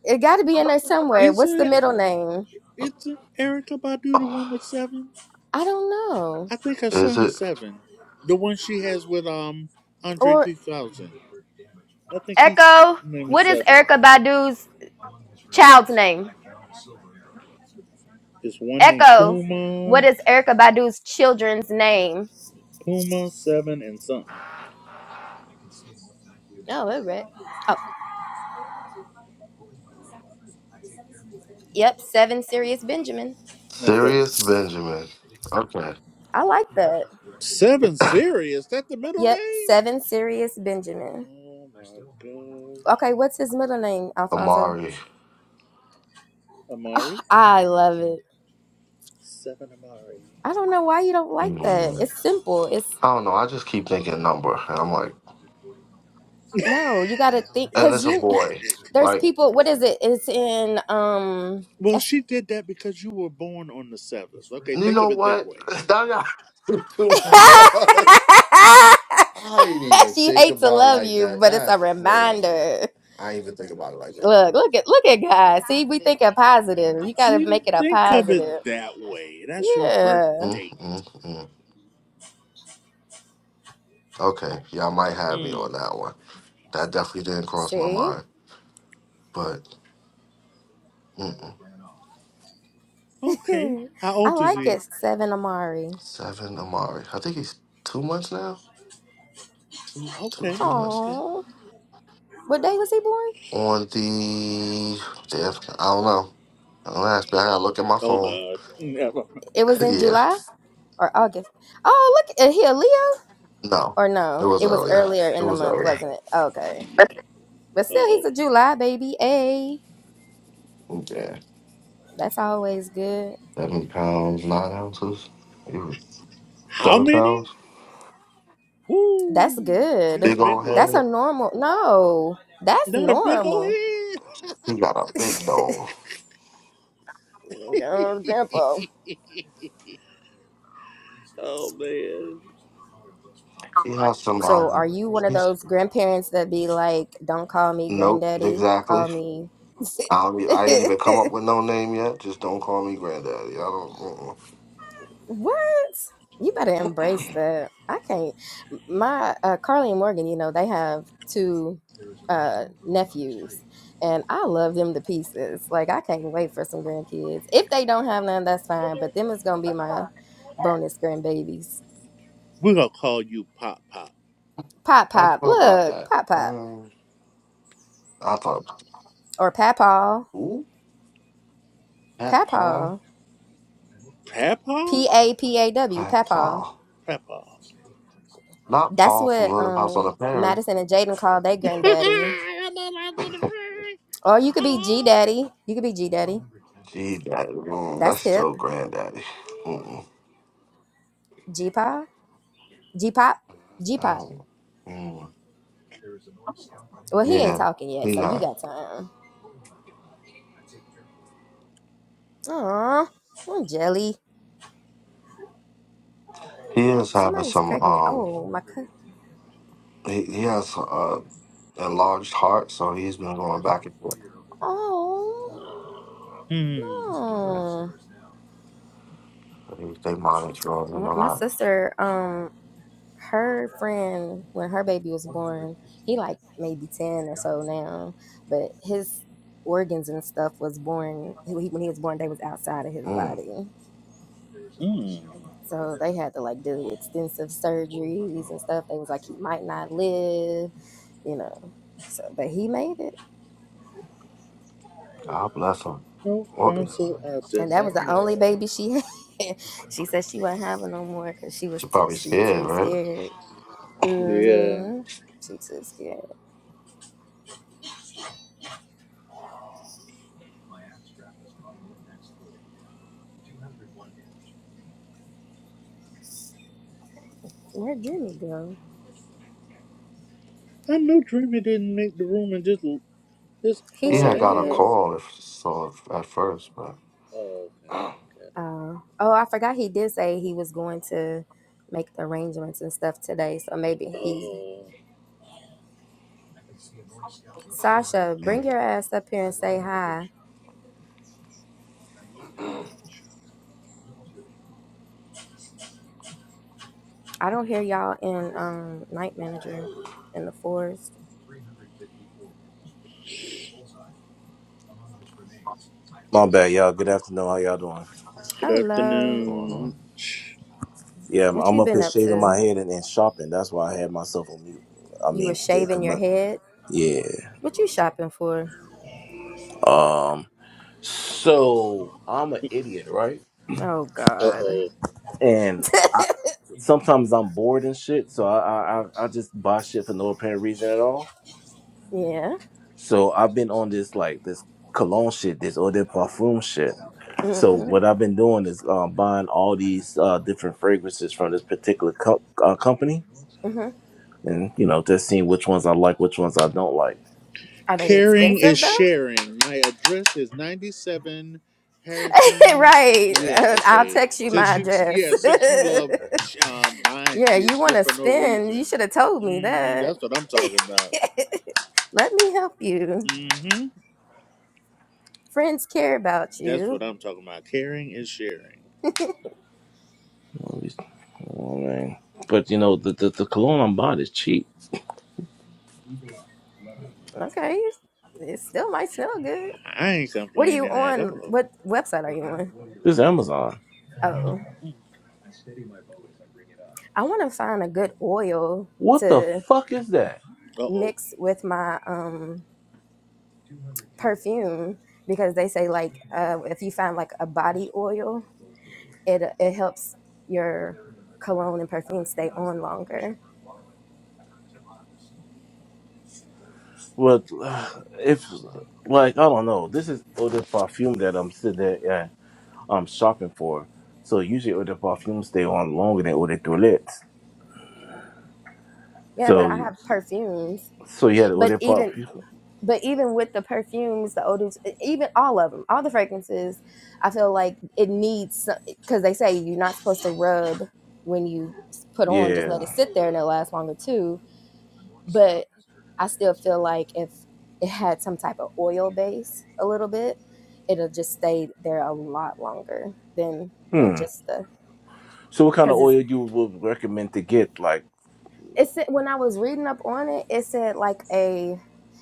Speaker 5: It got to be in there somewhere.
Speaker 2: Is
Speaker 5: What's the
Speaker 2: it?
Speaker 5: middle name?
Speaker 2: It's Erica Badu, the one with seven.
Speaker 5: I don't know.
Speaker 2: I think her
Speaker 4: Is
Speaker 2: son is
Speaker 4: it
Speaker 2: seven. The one she has with um Andre
Speaker 5: Or
Speaker 2: three thousand. I think his
Speaker 5: Echo,
Speaker 2: name is
Speaker 5: what is
Speaker 2: seven.
Speaker 5: Erica Badu's child's name?
Speaker 2: It's one named
Speaker 5: Echo,
Speaker 2: Puma,
Speaker 5: what is Erica Badu's children's name?
Speaker 2: Puma seven and something.
Speaker 5: oh, it read. Oh, yep. Seven Serious Benjamin.
Speaker 2: Okay.
Speaker 4: Sirius Benjamin? Okay.
Speaker 5: I like that.
Speaker 2: Seven serious. That the middle
Speaker 5: Yep.
Speaker 2: name?
Speaker 5: Seven Serious Benjamin.
Speaker 2: Oh my gosh.
Speaker 5: Okay, what's his middle name, Alfonso?
Speaker 4: Amari.
Speaker 2: Amari.
Speaker 5: I love it.
Speaker 2: Seven Amari.
Speaker 5: I don't know why you don't like that.
Speaker 4: Mm.
Speaker 5: It's simple. It's
Speaker 4: I don't know. I just keep thinking number. And I'm like,
Speaker 5: no, you gotta think
Speaker 4: and
Speaker 5: because
Speaker 4: it's a
Speaker 5: you
Speaker 4: boy.
Speaker 5: there's
Speaker 4: Like,
Speaker 5: people. What is it? It's in um.
Speaker 2: Well,
Speaker 5: It's,
Speaker 2: she did that because you were born on the seventh. Okay,
Speaker 4: you
Speaker 2: think
Speaker 4: know
Speaker 2: of it that
Speaker 4: what?
Speaker 2: way.
Speaker 4: That got too much. I ain't even
Speaker 5: she
Speaker 4: think
Speaker 5: hates to
Speaker 4: about it
Speaker 5: love
Speaker 4: like
Speaker 5: you,
Speaker 4: that.
Speaker 5: but it's a
Speaker 4: That's crazy.
Speaker 5: reminder.
Speaker 4: I ain't even think about it like that.
Speaker 5: Look, look at look at God. See, we thinking positive. You gotta
Speaker 2: See,
Speaker 5: make it a
Speaker 2: think of
Speaker 5: positive.
Speaker 2: it that way. That's your birth
Speaker 5: Yeah.
Speaker 4: Mm,
Speaker 2: date.
Speaker 4: mm, mm. Okay. Y'all might have me
Speaker 2: Mm.
Speaker 4: on that one. That definitely didn't cross my
Speaker 5: See,
Speaker 4: mind. But, mm-mm.
Speaker 2: Okay. How
Speaker 5: I
Speaker 2: old is
Speaker 5: like
Speaker 2: he?
Speaker 5: it. Seven Amari.
Speaker 4: seven Amari. I think he's two months now. two,
Speaker 2: Okay.
Speaker 4: three months.
Speaker 2: Okay.
Speaker 5: Oh, what day was he born?
Speaker 4: On the, the I don't know. I don't ask me. I gotta look at my
Speaker 2: Oh
Speaker 4: phone.
Speaker 2: God. Never.
Speaker 5: It was in
Speaker 4: yeah.
Speaker 5: July or August. Oh, look, is he a Leo
Speaker 4: No.
Speaker 5: or
Speaker 4: It
Speaker 5: no?
Speaker 4: was
Speaker 5: It was
Speaker 4: earlier.
Speaker 5: earlier
Speaker 4: It
Speaker 5: in the
Speaker 4: was
Speaker 5: month,
Speaker 4: earlier.
Speaker 5: wasn't it? Okay, but still,
Speaker 2: Oh.
Speaker 5: he's a July baby. A
Speaker 4: Yeah.
Speaker 5: that's always good.
Speaker 4: Seven pounds, nine ounces. He was
Speaker 2: How
Speaker 4: seven pounds.
Speaker 2: many?
Speaker 5: That's
Speaker 2: Woo! She had
Speaker 5: good.
Speaker 2: a
Speaker 4: Big
Speaker 2: big
Speaker 4: old
Speaker 2: one.
Speaker 5: That's
Speaker 4: head.
Speaker 5: a normal. No, that's
Speaker 2: Not a big old
Speaker 5: normal.
Speaker 2: head.
Speaker 4: He got a big dome.
Speaker 5: Girl, Grandpa.
Speaker 2: oh man.
Speaker 4: He has some
Speaker 5: So, are
Speaker 4: um,
Speaker 5: you one of
Speaker 4: he's
Speaker 5: those grandparents that be like, "Don't call me
Speaker 4: Nope,
Speaker 5: granddaddy,
Speaker 4: exactly.
Speaker 5: call me"?
Speaker 4: I don't, e- I ain't even come up with no name yet. Just don't call me granddaddy. I don't. Mm-mm.
Speaker 5: What? You better embrace that. I can't. My uh, Carly and Morgan, you know, they have two uh, nephews, and I love them to pieces. Like I can't wait for some grandkids. If they don't have none, that's fine. But them is gonna be my bonus grandbabies.
Speaker 2: We're gonna call you Pop Pop.
Speaker 5: Pop
Speaker 4: I
Speaker 5: pop,
Speaker 4: thought about
Speaker 5: look,
Speaker 4: that.
Speaker 5: pop pop,
Speaker 4: Um, I thought,
Speaker 5: or papaw,
Speaker 4: ooh, Pat Paul.
Speaker 5: papaw,
Speaker 2: Papa?
Speaker 5: p a p a w,
Speaker 4: Pat
Speaker 5: papaw.
Speaker 4: Paul.
Speaker 2: Papa.
Speaker 4: Not
Speaker 5: That's
Speaker 4: Paul from
Speaker 5: what
Speaker 4: Little House on the
Speaker 5: um
Speaker 4: Prairie.
Speaker 5: Madison and Jaden call their granddaddy.
Speaker 2: Hello, my little friend.
Speaker 5: Or you could be G
Speaker 2: Paul.
Speaker 5: daddy. You could be G daddy.
Speaker 4: Gee, daddy, mm, that's
Speaker 5: That's hip.
Speaker 4: still granddaddy. Mm-mm.
Speaker 5: G pop, G pop, G pop.
Speaker 4: Oh, mm.
Speaker 5: Well, he ain't
Speaker 4: yeah,
Speaker 5: talking yet,
Speaker 4: he
Speaker 5: so you
Speaker 4: not.
Speaker 5: got time. Aw, I'm jelly.
Speaker 4: He is having
Speaker 5: Somebody's
Speaker 4: some.
Speaker 5: pregnant.
Speaker 4: Um,
Speaker 5: Oh my god.
Speaker 4: he, he has a enlarged heart, so he's been going back and forth.
Speaker 5: Oh
Speaker 2: Hmm.
Speaker 4: Yeah.
Speaker 5: no.
Speaker 4: They they monitor him
Speaker 5: M-
Speaker 4: a
Speaker 5: My
Speaker 4: lot.
Speaker 5: sister, um, her friend when her baby was born, he like maybe ten or so now, but his organs and stuff was born he, when he was born. They was outside of his
Speaker 4: Mm,
Speaker 5: body.
Speaker 2: Hmm.
Speaker 5: So they had to like do extensive surgeries and stuff. They was like he might not live, you know. So but he made it.
Speaker 4: God bless him.
Speaker 2: No,
Speaker 4: Organ.
Speaker 2: Council, I did
Speaker 5: And that
Speaker 2: not
Speaker 5: was the only
Speaker 2: know.
Speaker 5: baby she had. she said she wasn't having no more because she was
Speaker 4: She
Speaker 5: too,
Speaker 4: probably
Speaker 5: she
Speaker 4: scared,
Speaker 5: too
Speaker 4: right?
Speaker 5: scared.
Speaker 2: Yeah.
Speaker 5: Mm-hmm. She too scared. where Jimmy go?
Speaker 2: I know. Dreamy didn't make the room and just just
Speaker 5: He
Speaker 4: He
Speaker 2: hauled
Speaker 4: had
Speaker 5: sure
Speaker 4: got a
Speaker 5: did.
Speaker 2: ass.
Speaker 4: call if so at first, but
Speaker 2: Oh, okay. Got it.
Speaker 5: Oh, oh, I forgot he did say he was going to make arrangements and stuff today. So maybe he's
Speaker 2: Oh.
Speaker 5: Sasha, bring
Speaker 4: hey,
Speaker 5: your ass up here and say hi. I don't hear y'all in um night manager in the forest.
Speaker 6: My bad, y'all. Good afternoon. How y'all doing?
Speaker 2: Good
Speaker 4: what's
Speaker 5: Hello.
Speaker 4: going
Speaker 2: afternoon.
Speaker 4: on?
Speaker 6: Yeah, I'm
Speaker 5: What you
Speaker 6: I'm up
Speaker 5: been
Speaker 6: here
Speaker 5: up
Speaker 6: shaking
Speaker 5: to?
Speaker 6: my head and, and shopping. That's why I had myself on mute. I
Speaker 5: You were
Speaker 6: mean, did
Speaker 5: shaving
Speaker 6: come
Speaker 5: your
Speaker 6: up.
Speaker 5: head?
Speaker 6: Yeah.
Speaker 5: What you shopping for?
Speaker 6: Um. So I'm an idiot, right?
Speaker 5: Oh
Speaker 2: Uh
Speaker 5: God.
Speaker 2: oh.
Speaker 6: And I, sometimes I'm bored and shit, so I, I I I just buy shit for no apparent reason at all.
Speaker 5: yeah.
Speaker 6: So I've been on this like this cologne shit, this eau de parfum shit. So
Speaker 5: hmm
Speaker 6: what I've been doing is um, buying all these uh, different fragrances from this particular co- uh, company
Speaker 5: hmm
Speaker 6: and you know just seeing which ones I like, which ones I don't like.
Speaker 5: Are they
Speaker 2: Caring is
Speaker 5: expensive though?
Speaker 2: sharing. My address is 97 Harrison.
Speaker 5: right.
Speaker 2: Yeah,
Speaker 5: Uh, I'll
Speaker 2: okay.
Speaker 5: text you
Speaker 2: Since
Speaker 5: my
Speaker 2: you,
Speaker 5: address.
Speaker 2: yeah, since you love um, buying
Speaker 5: yeah,
Speaker 2: shit
Speaker 5: you want
Speaker 2: just
Speaker 5: to
Speaker 2: for no
Speaker 5: spend? You
Speaker 2: reason.
Speaker 5: should have told me
Speaker 2: hmm
Speaker 5: that.
Speaker 2: That's what I'm talking about.
Speaker 5: Let me help you.
Speaker 2: Mm-hmm.
Speaker 5: Friends care about
Speaker 2: That's what
Speaker 5: you.
Speaker 2: I'm talking about. Caring and sharing.
Speaker 6: You know I mean? But you know the the, the cologne I'm buying is cheap.
Speaker 5: Okay. It still might smell good.
Speaker 2: I ain't
Speaker 5: What are you
Speaker 2: complaining at
Speaker 5: on?
Speaker 2: all.
Speaker 5: What website are you on?
Speaker 6: This is Amazon.
Speaker 5: Oh, I want to find a good oil
Speaker 6: What the
Speaker 5: to
Speaker 6: fuck is that?
Speaker 2: Uh oh.
Speaker 5: mix with my um perfume because they say like uh, if you find like a body oil, it it helps your cologne and perfume stay on longer.
Speaker 6: But uh, if like I don't know, this is eau de parfum that I'm sitting there and I'm shopping for. So usually eau de parfum stay on longer than eau de toilette.
Speaker 5: Yeah, but I
Speaker 6: So
Speaker 5: have perfumes.
Speaker 6: so yeah, the eau
Speaker 5: But
Speaker 6: de
Speaker 5: even
Speaker 6: parfum.
Speaker 5: but even with the perfumes, the odors, e- even all of them, all the fragrances, I feel like it needs because they say you're not supposed to rub when you put on, just
Speaker 6: Yeah.
Speaker 5: let it sit there and it lasts longer too. But I still feel like if it had some type of oil base a little bit, it'll just stay there a lot longer than you know
Speaker 6: Hmm.
Speaker 5: just the
Speaker 6: So what kind of
Speaker 5: because it's
Speaker 6: oil you would recommend to get? Like
Speaker 5: it said when I was reading up on it, it said like a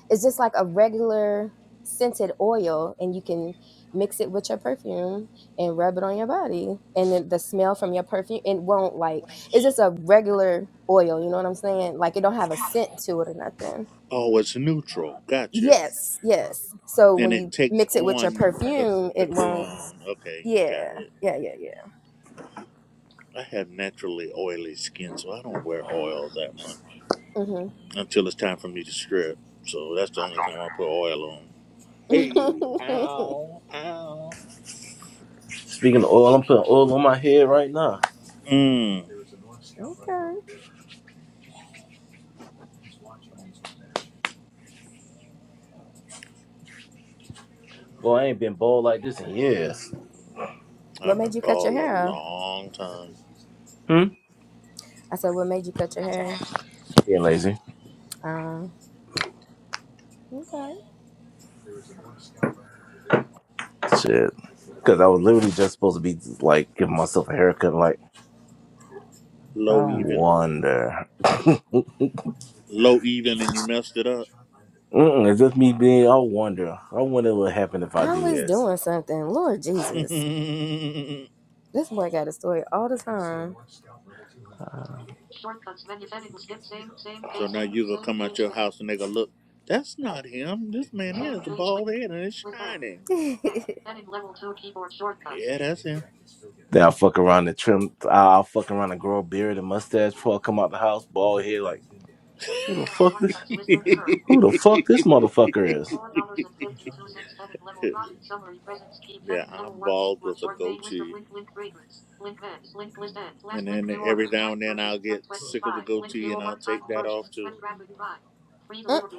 Speaker 5: it's just like a regular scented oil and you can mix it with your perfume and rub it on your body and then the smell from your perfume it won't like it's just a regular oil you know what i'm saying like it don't have a scent to it or nothing
Speaker 2: Oh, it's neutral. Gotcha.
Speaker 5: yes yes so
Speaker 2: And
Speaker 5: when
Speaker 2: it
Speaker 5: you
Speaker 2: takes
Speaker 5: mix it with your
Speaker 2: on the
Speaker 5: perfume
Speaker 2: the
Speaker 5: it won't
Speaker 2: cologne. Okay,
Speaker 5: yeah
Speaker 2: got it.
Speaker 5: yeah yeah yeah
Speaker 2: I have naturally oily skin, so I don't wear oil that much
Speaker 5: mm-hmm.
Speaker 2: until it's time for me to strip. So that's the only time I put oil on. Hey, ow, ow.
Speaker 6: speaking of oil, I'm putting oil on my head right now.
Speaker 2: Mmm.
Speaker 5: okay
Speaker 6: Boy, I ain't been bold like this in years.
Speaker 5: what
Speaker 2: I've
Speaker 5: made
Speaker 2: been
Speaker 5: you cut your
Speaker 2: bald a
Speaker 5: hair off
Speaker 2: long time.
Speaker 6: Hmm?
Speaker 5: I said, What made you cut your hair?
Speaker 6: Being lazy.
Speaker 5: Um, okay.
Speaker 6: Shit. Because I was literally just supposed to be like giving myself a haircut. Like,
Speaker 2: Low
Speaker 6: I
Speaker 2: even.
Speaker 6: wonder.
Speaker 2: Low even, and you messed it up.
Speaker 6: Mm-mm, it's just me being, I wonder. I wonder what happened if I do
Speaker 5: Always
Speaker 6: this.
Speaker 5: doing something. Lord Jesus. This boy got a story all the time.
Speaker 2: So now you gonna come out your house and they gonna look. That's not him. This man here has a bald head and it's shining. Yeah, that's him.
Speaker 6: Then I'll fuck around and trim. I'll fuck around and grow a beard and mustache before I come out the house, bald head. Like, Who the fuck this?
Speaker 2: yeah,
Speaker 6: Who the fuck this motherfucker is?
Speaker 2: I'm bald with a goatee. Mm. And then every now and then I'll get sick of the goatee and I'll take that off too.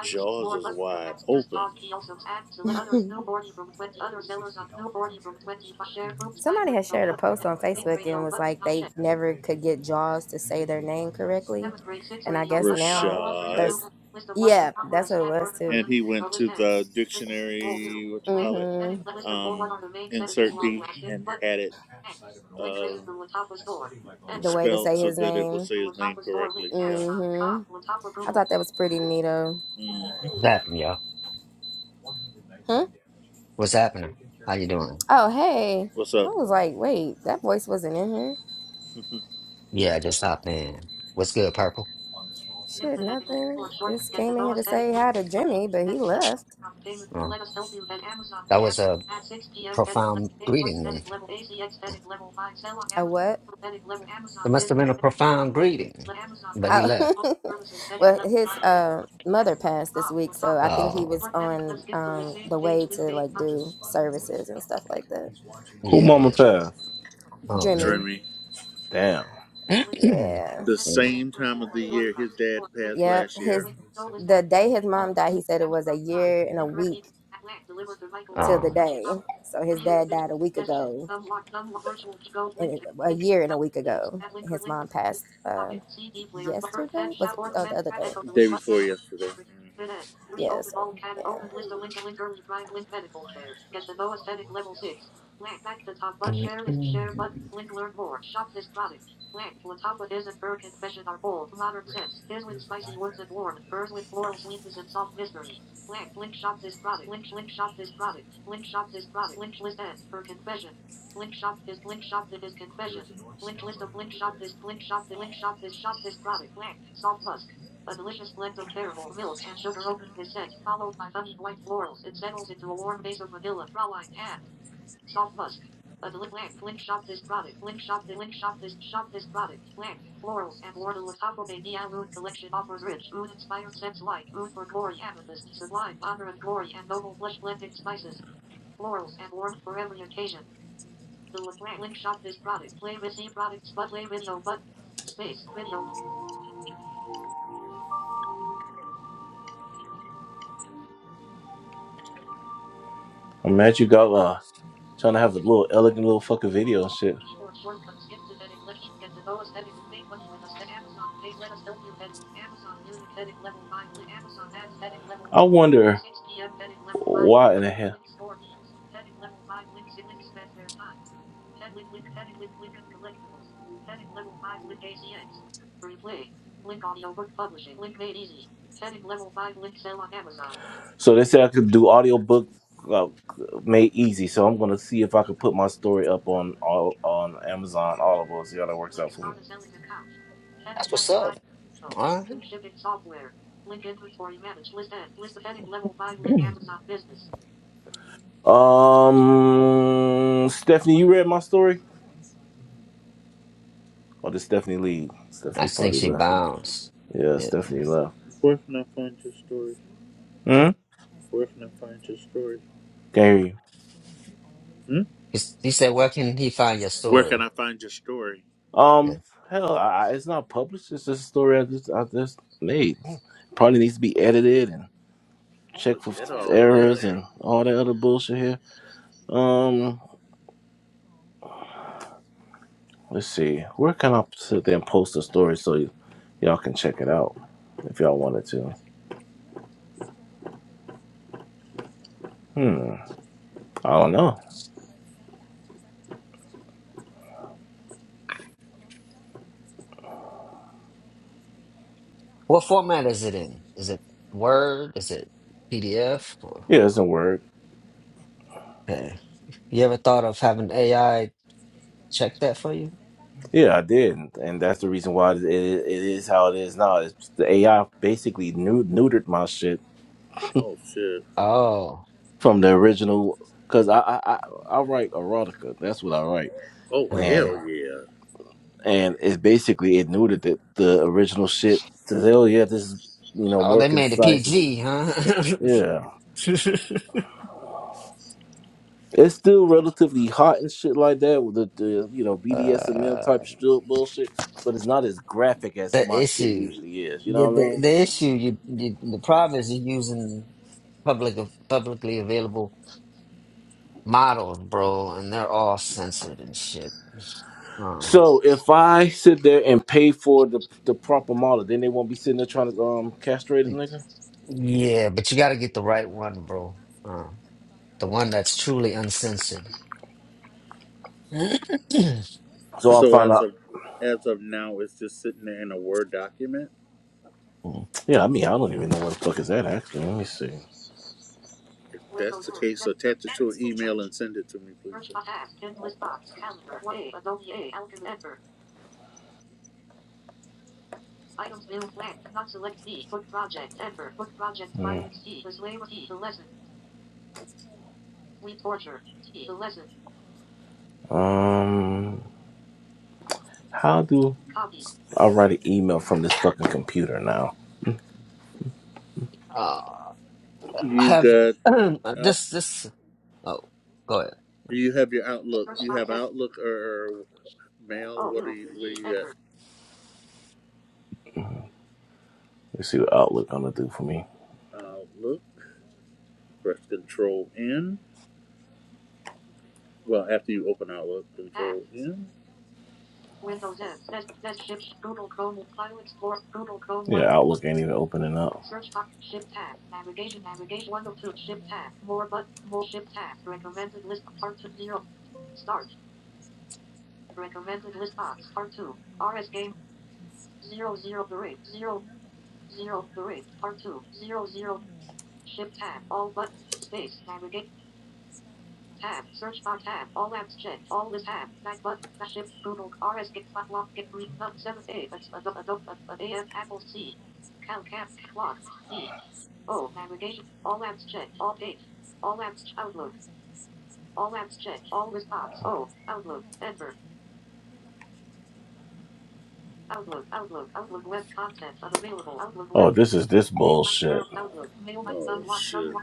Speaker 2: Jaws is wide open,
Speaker 5: Somebody had shared a post on Facebook and was like they never could get Jaws to say their name correctly. And I guess now
Speaker 2: Rashad.
Speaker 5: there's, yeah, that's what it was too.
Speaker 2: And he went to the dictionary, what you call it,
Speaker 5: Mm-hmm.
Speaker 2: um, insert D, and had it. uh,
Speaker 5: The way to
Speaker 2: Spelt
Speaker 5: say
Speaker 2: so
Speaker 5: his
Speaker 2: that it will
Speaker 5: name.
Speaker 2: say his name correctly. Yeah.
Speaker 5: Mm-hmm. I thought that was pretty neato.
Speaker 2: hmm
Speaker 7: What's happening, y'all?
Speaker 5: Huh?
Speaker 7: What's happening? How you doing?
Speaker 5: Oh, hey.
Speaker 2: What's
Speaker 5: I
Speaker 2: up,
Speaker 5: was like, wait, that voice wasn't in here.
Speaker 7: Yeah, I just hopped in. What's good, Purple?
Speaker 5: Shit, nothing. Just came in here to say hi to Jimmy, but he left.
Speaker 7: Uh, that was a profound greeting then.
Speaker 5: A what?
Speaker 7: It must have been a profound greeting. But he
Speaker 5: Oh,
Speaker 7: left.
Speaker 5: well, his uh, mother passed this week, so I think he
Speaker 7: Oh,
Speaker 5: was on um, the way to like do services and stuff like that.
Speaker 6: Who
Speaker 7: yeah,
Speaker 6: mama
Speaker 7: yeah.
Speaker 6: pass?
Speaker 7: Oh,
Speaker 5: Jimmy,
Speaker 7: man.
Speaker 2: Dreamy.
Speaker 6: Damn.
Speaker 5: yeah,
Speaker 2: The
Speaker 7: Yeah.
Speaker 2: same time of the year his dad passed
Speaker 5: yep.
Speaker 2: last year.
Speaker 5: His the day his mom died, he said it was a year and a week till the
Speaker 7: Um,
Speaker 5: day. So his
Speaker 2: Yeah.
Speaker 5: dad died a week ago, and a year and a week ago. His mom passed uh, yesterday. Was it? Oh, the other day.
Speaker 2: Day before yesterday. hmm
Speaker 5: Yeah. So yeah.
Speaker 6: I'm mad you got uh Trying to have a little elegant little fucking video and shit. I wonder why in the hell. So they said I could do audiobook uh, made easy. So I'm gonna see if I could put my story up on all on Amazon Audible. See how that works out for me.
Speaker 7: that's what's up. All right.
Speaker 6: Um, Stephanie, you read my story? Oh, this Stephanie Lee.
Speaker 7: I
Speaker 6: Stephanie
Speaker 7: just think
Speaker 6: probably
Speaker 7: she
Speaker 6: left.
Speaker 7: bounced.
Speaker 6: Yeah,
Speaker 7: Yeah.
Speaker 6: Stephanie left.
Speaker 2: Where can I find your story?
Speaker 6: Hmm.
Speaker 2: Where can I find your story?
Speaker 6: Can't hear you.
Speaker 2: Hmm?
Speaker 7: He's- He said, where can he find your
Speaker 2: Where can
Speaker 7: story?
Speaker 2: I find your story?
Speaker 7: Yeah.
Speaker 6: Um, hell, I, I- it's not published. It's just a story I just I just made. Probably needs to be edited and checked for
Speaker 2: Forget all that.
Speaker 6: errors and all that other bullshit here. Um, let's see. Where can I sit there and post a story so y- y'all can check it out if y'all wanted to? Hmm. I don't know.
Speaker 7: What format is it in? Is it Word? Is it PDF?
Speaker 6: Yeah, it's in Word.
Speaker 7: You ever thought of having AI check that for you?
Speaker 6: Yeah, I did, and that's the reason why it, it is how it is now. It's, the AI basically nu- neutered my shit
Speaker 2: Oh shit.
Speaker 7: Oh,
Speaker 6: from the original because I, I I I write erotica. That's what I write,
Speaker 2: Oh
Speaker 7: huh.
Speaker 6: and
Speaker 2: hell yeah.
Speaker 6: and it's basically it neutered the, the original shit. Says, oh yeah, this is you know
Speaker 7: oh,
Speaker 6: more
Speaker 7: they made it
Speaker 6: concise. It's-
Speaker 7: PG, huh?
Speaker 6: Yeah, it's still relatively hot and shit like that with the, the you know BDSM
Speaker 7: uh,
Speaker 6: type shit bullshit, but it's not as graphic as my
Speaker 7: the
Speaker 6: shit
Speaker 7: issue,
Speaker 6: usually is. You
Speaker 7: the,
Speaker 6: know what
Speaker 7: the
Speaker 6: I mean?
Speaker 7: the issue, you, you the problem is you're using public publicly available models, bro, and they're all censored and shit. Um,
Speaker 6: So if I sit there and pay for the the proper model, then they won't be sitting there trying to um castrate a nigga.
Speaker 7: yeah, but you got to get the right one, bro. Uh, the one that's truly uncensored.
Speaker 6: So I'll
Speaker 2: So
Speaker 6: find
Speaker 2: as
Speaker 6: out.
Speaker 2: of as of now, it's just sitting there in a Word document.
Speaker 7: Yeah.
Speaker 6: Yeah, I mean I don't even know what the fuck is that actually. Let me see.
Speaker 2: If that's the case, attach it to an email and send it to me, please.
Speaker 6: plan Hmm. Um, how do I write an email from this fucking computer now?
Speaker 7: Uh,
Speaker 2: You
Speaker 7: have
Speaker 2: got. Uh,
Speaker 7: this this oh go ahead.
Speaker 2: Do you have your Outlook? Do You have Outlook or, or Mail? What are you? What do you
Speaker 6: Let's see what Outlook gonna do for me.
Speaker 2: got? Outlook. Press Control N. Well, after you open Outlook, Control N.
Speaker 6: Outlook ain't even opening up. is this
Speaker 2: shit.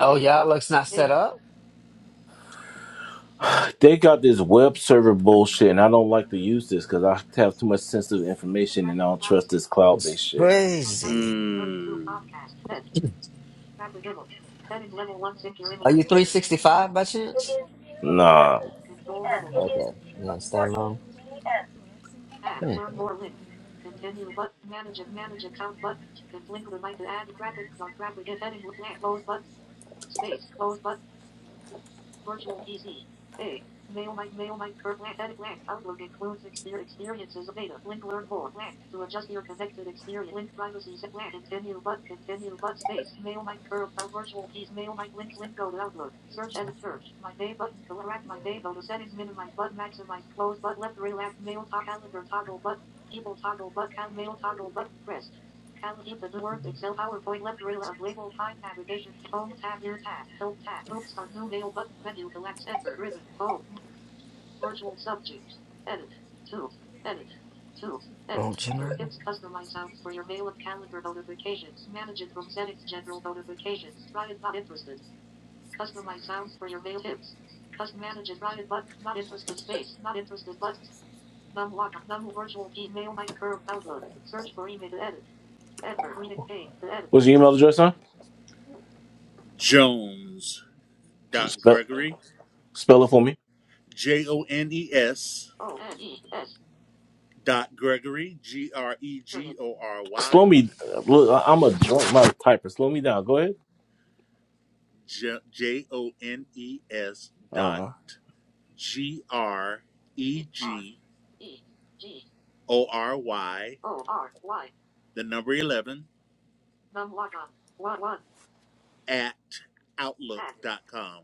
Speaker 7: Oh y'all looks not set up?
Speaker 6: They got this web server bullshit, and I don't like to use this because I have too much sensitive information, and I don't trust this cloud
Speaker 7: It's
Speaker 6: based shit.
Speaker 7: crazy.
Speaker 2: Mm.
Speaker 7: Are you 365 by
Speaker 2: It
Speaker 7: chance?
Speaker 2: is two
Speaker 6: Nah,
Speaker 2: fourteen p m It is
Speaker 7: Okay. Yeah,
Speaker 2: fourteen
Speaker 7: standalone.
Speaker 2: p m
Speaker 7: Hmm. Don't generally.
Speaker 6: What's your email address, huh?
Speaker 2: Jones. Dot
Speaker 6: Spell,
Speaker 2: Gregory
Speaker 6: spell it for me.
Speaker 2: J O N E S dot Gregory G R E G O R Y
Speaker 6: Slow me. Look, I- I'm a drunk my typer. Slow me down. Go ahead.
Speaker 2: J O N E S dot
Speaker 6: Uh,
Speaker 2: G R E G O R Y the number eleven at outlook dot com.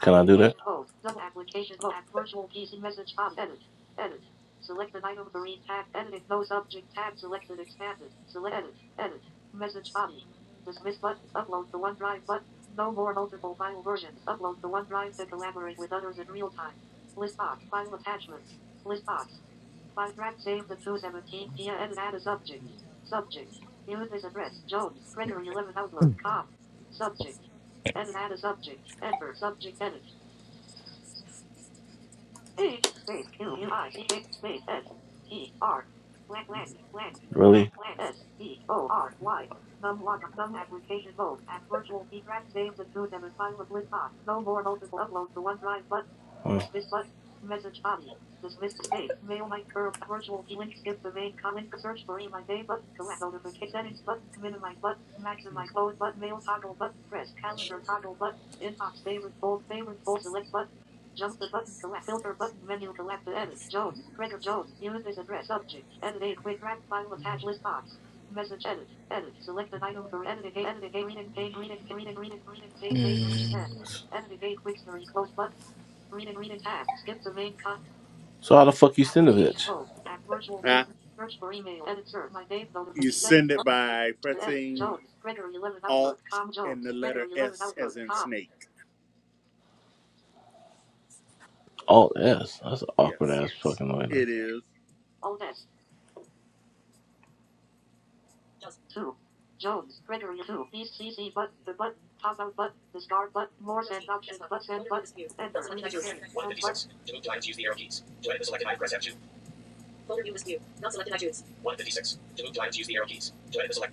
Speaker 6: can I do Hmm.
Speaker 7: Mm.
Speaker 6: So how the fuck you send a bitch?
Speaker 2: Uh, you send it by pressing Alt and the letter S as in snake.
Speaker 6: Oh yes, that's an awkward
Speaker 2: Yes,
Speaker 6: ass fucking way. to-
Speaker 2: it is. Does. Windows E. Desktop. Folder view list view. Not selected iTunes. six. To move to items, use the arrow keys. To edit the selected item, press F two. Folder view list view. Not selected. I choose. 156. To move to items, use the arrow keys. To edit the select.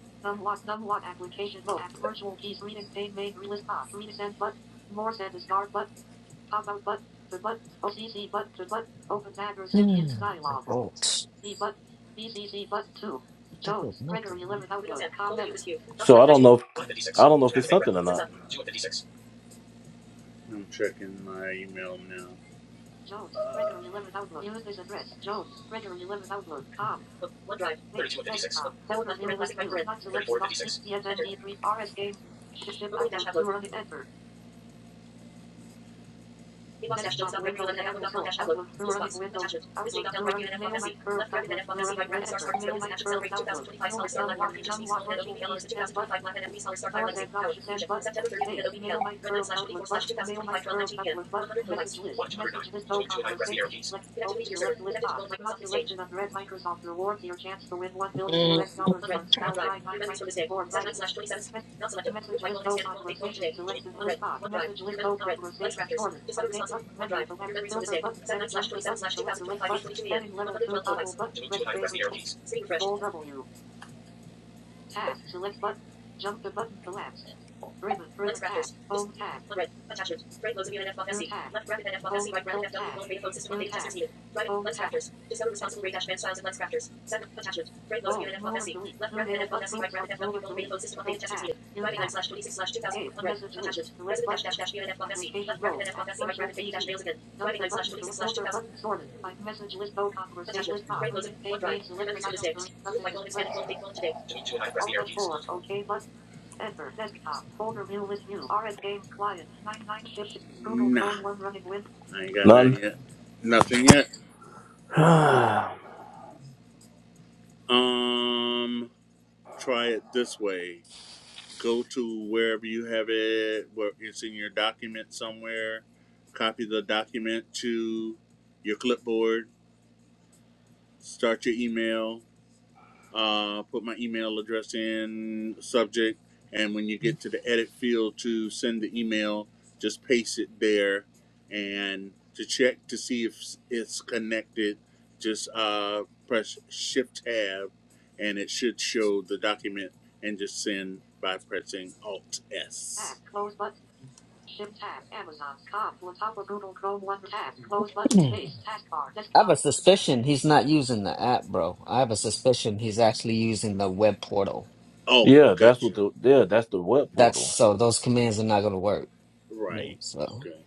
Speaker 7: Hmm. Don't. That does nothing.
Speaker 2: Windows 10. Folder view list view. Not
Speaker 6: So I
Speaker 2: selected. I
Speaker 6: don't
Speaker 2: choose.
Speaker 6: know. If, I
Speaker 2: 156.
Speaker 6: don't know
Speaker 2: To
Speaker 6: if it's
Speaker 2: activate
Speaker 6: something or
Speaker 2: breath. Zip
Speaker 6: not.
Speaker 2: up. 2 fifty-six. I'm checking my email now. Uh. OneDrive. 32 of 56. Book. Download left parent classic right parent. 34 of Enter. Opening dash Tableau. Inbox dash jokes dot gregory 11 at apple dot com dash outlook. List box. Attachment. This J. Bell right here and FFC. Left bracket and FFC right bracket star sparkles release in action celebrate the 2025 solar Star Black Heart of Future Speaks Golden and OBBL honors the 2025 Black and FB Scholar Star Fire Legacy. Power. Fusion. September 30th with an OBBL. Red 9 slash 24 slash 2025 12 19 p.m. 100 kilobytes. 109. To move to and I press the arrow keys. Connectivity to your server. Connected to Gold Microsoft Exchange.
Speaker 7: Mm.
Speaker 2: Unread. OneDrive. Your memories from this day. Set 9 slash 27. Not selected. Group by colon expanded colon date colon today. Unread. OneDrive. Your mem- unread. Lens crafters. Discover responsive. OneDrive. Your memories from this day. Set 9 slash 27 slash 2025 822 a.m. 112 kilobytes. To move to a nine, press the arrow keys. Screen refresh. Lens crafters. Is flood red. Attachment. Great loads of unit FFSC. Left bracket and FFSC. Right bracket FW. Both beta phone system updated testers needed. Right. Lens crafters. Discover responsible ray dash band styles and lens crafters. Seven attachment. Great loads of unit FFSC. Left bracket and FFSC. Right bracket FW. Both beta phone system updated testers needed. Driving 9 slash 26 slash 2000. Flood red. Attachment. President dash dash dash unit FFSC. Left bracket and FFSC. Right bracket Peggy dash Nails again. Driving 9 slash 26 slash 2000. Attachment. Great loads of OneDrive. Your memories from this day. Group by colon expanded colon date colon today. Janine two and I press the arrow keys. Nah, I ain't got none
Speaker 6: Nothing.
Speaker 2: yet. Nothing yet. Um, try it this way. Go to wherever you have it, where it's in your document somewhere. Copy the document to your clipboard. Start your email uh, put my email address in subject, and when you get to the edit field to send the email, just paste it there, and to check to see if it's connected, just uh, press Shift Tab, and it should show the document, and just send by pressing Alt S.
Speaker 7: Mm. I have a suspicion he's not using the app, bro. I have a suspicion he's actually using the web portal.
Speaker 2: Oh,
Speaker 6: Yeah, that's
Speaker 2: gotcha.
Speaker 6: what the yeah that's the web
Speaker 7: That's
Speaker 6: portal.
Speaker 7: so those commands are not going to work. Yeah,
Speaker 2: Right.
Speaker 7: so.
Speaker 2: Okay.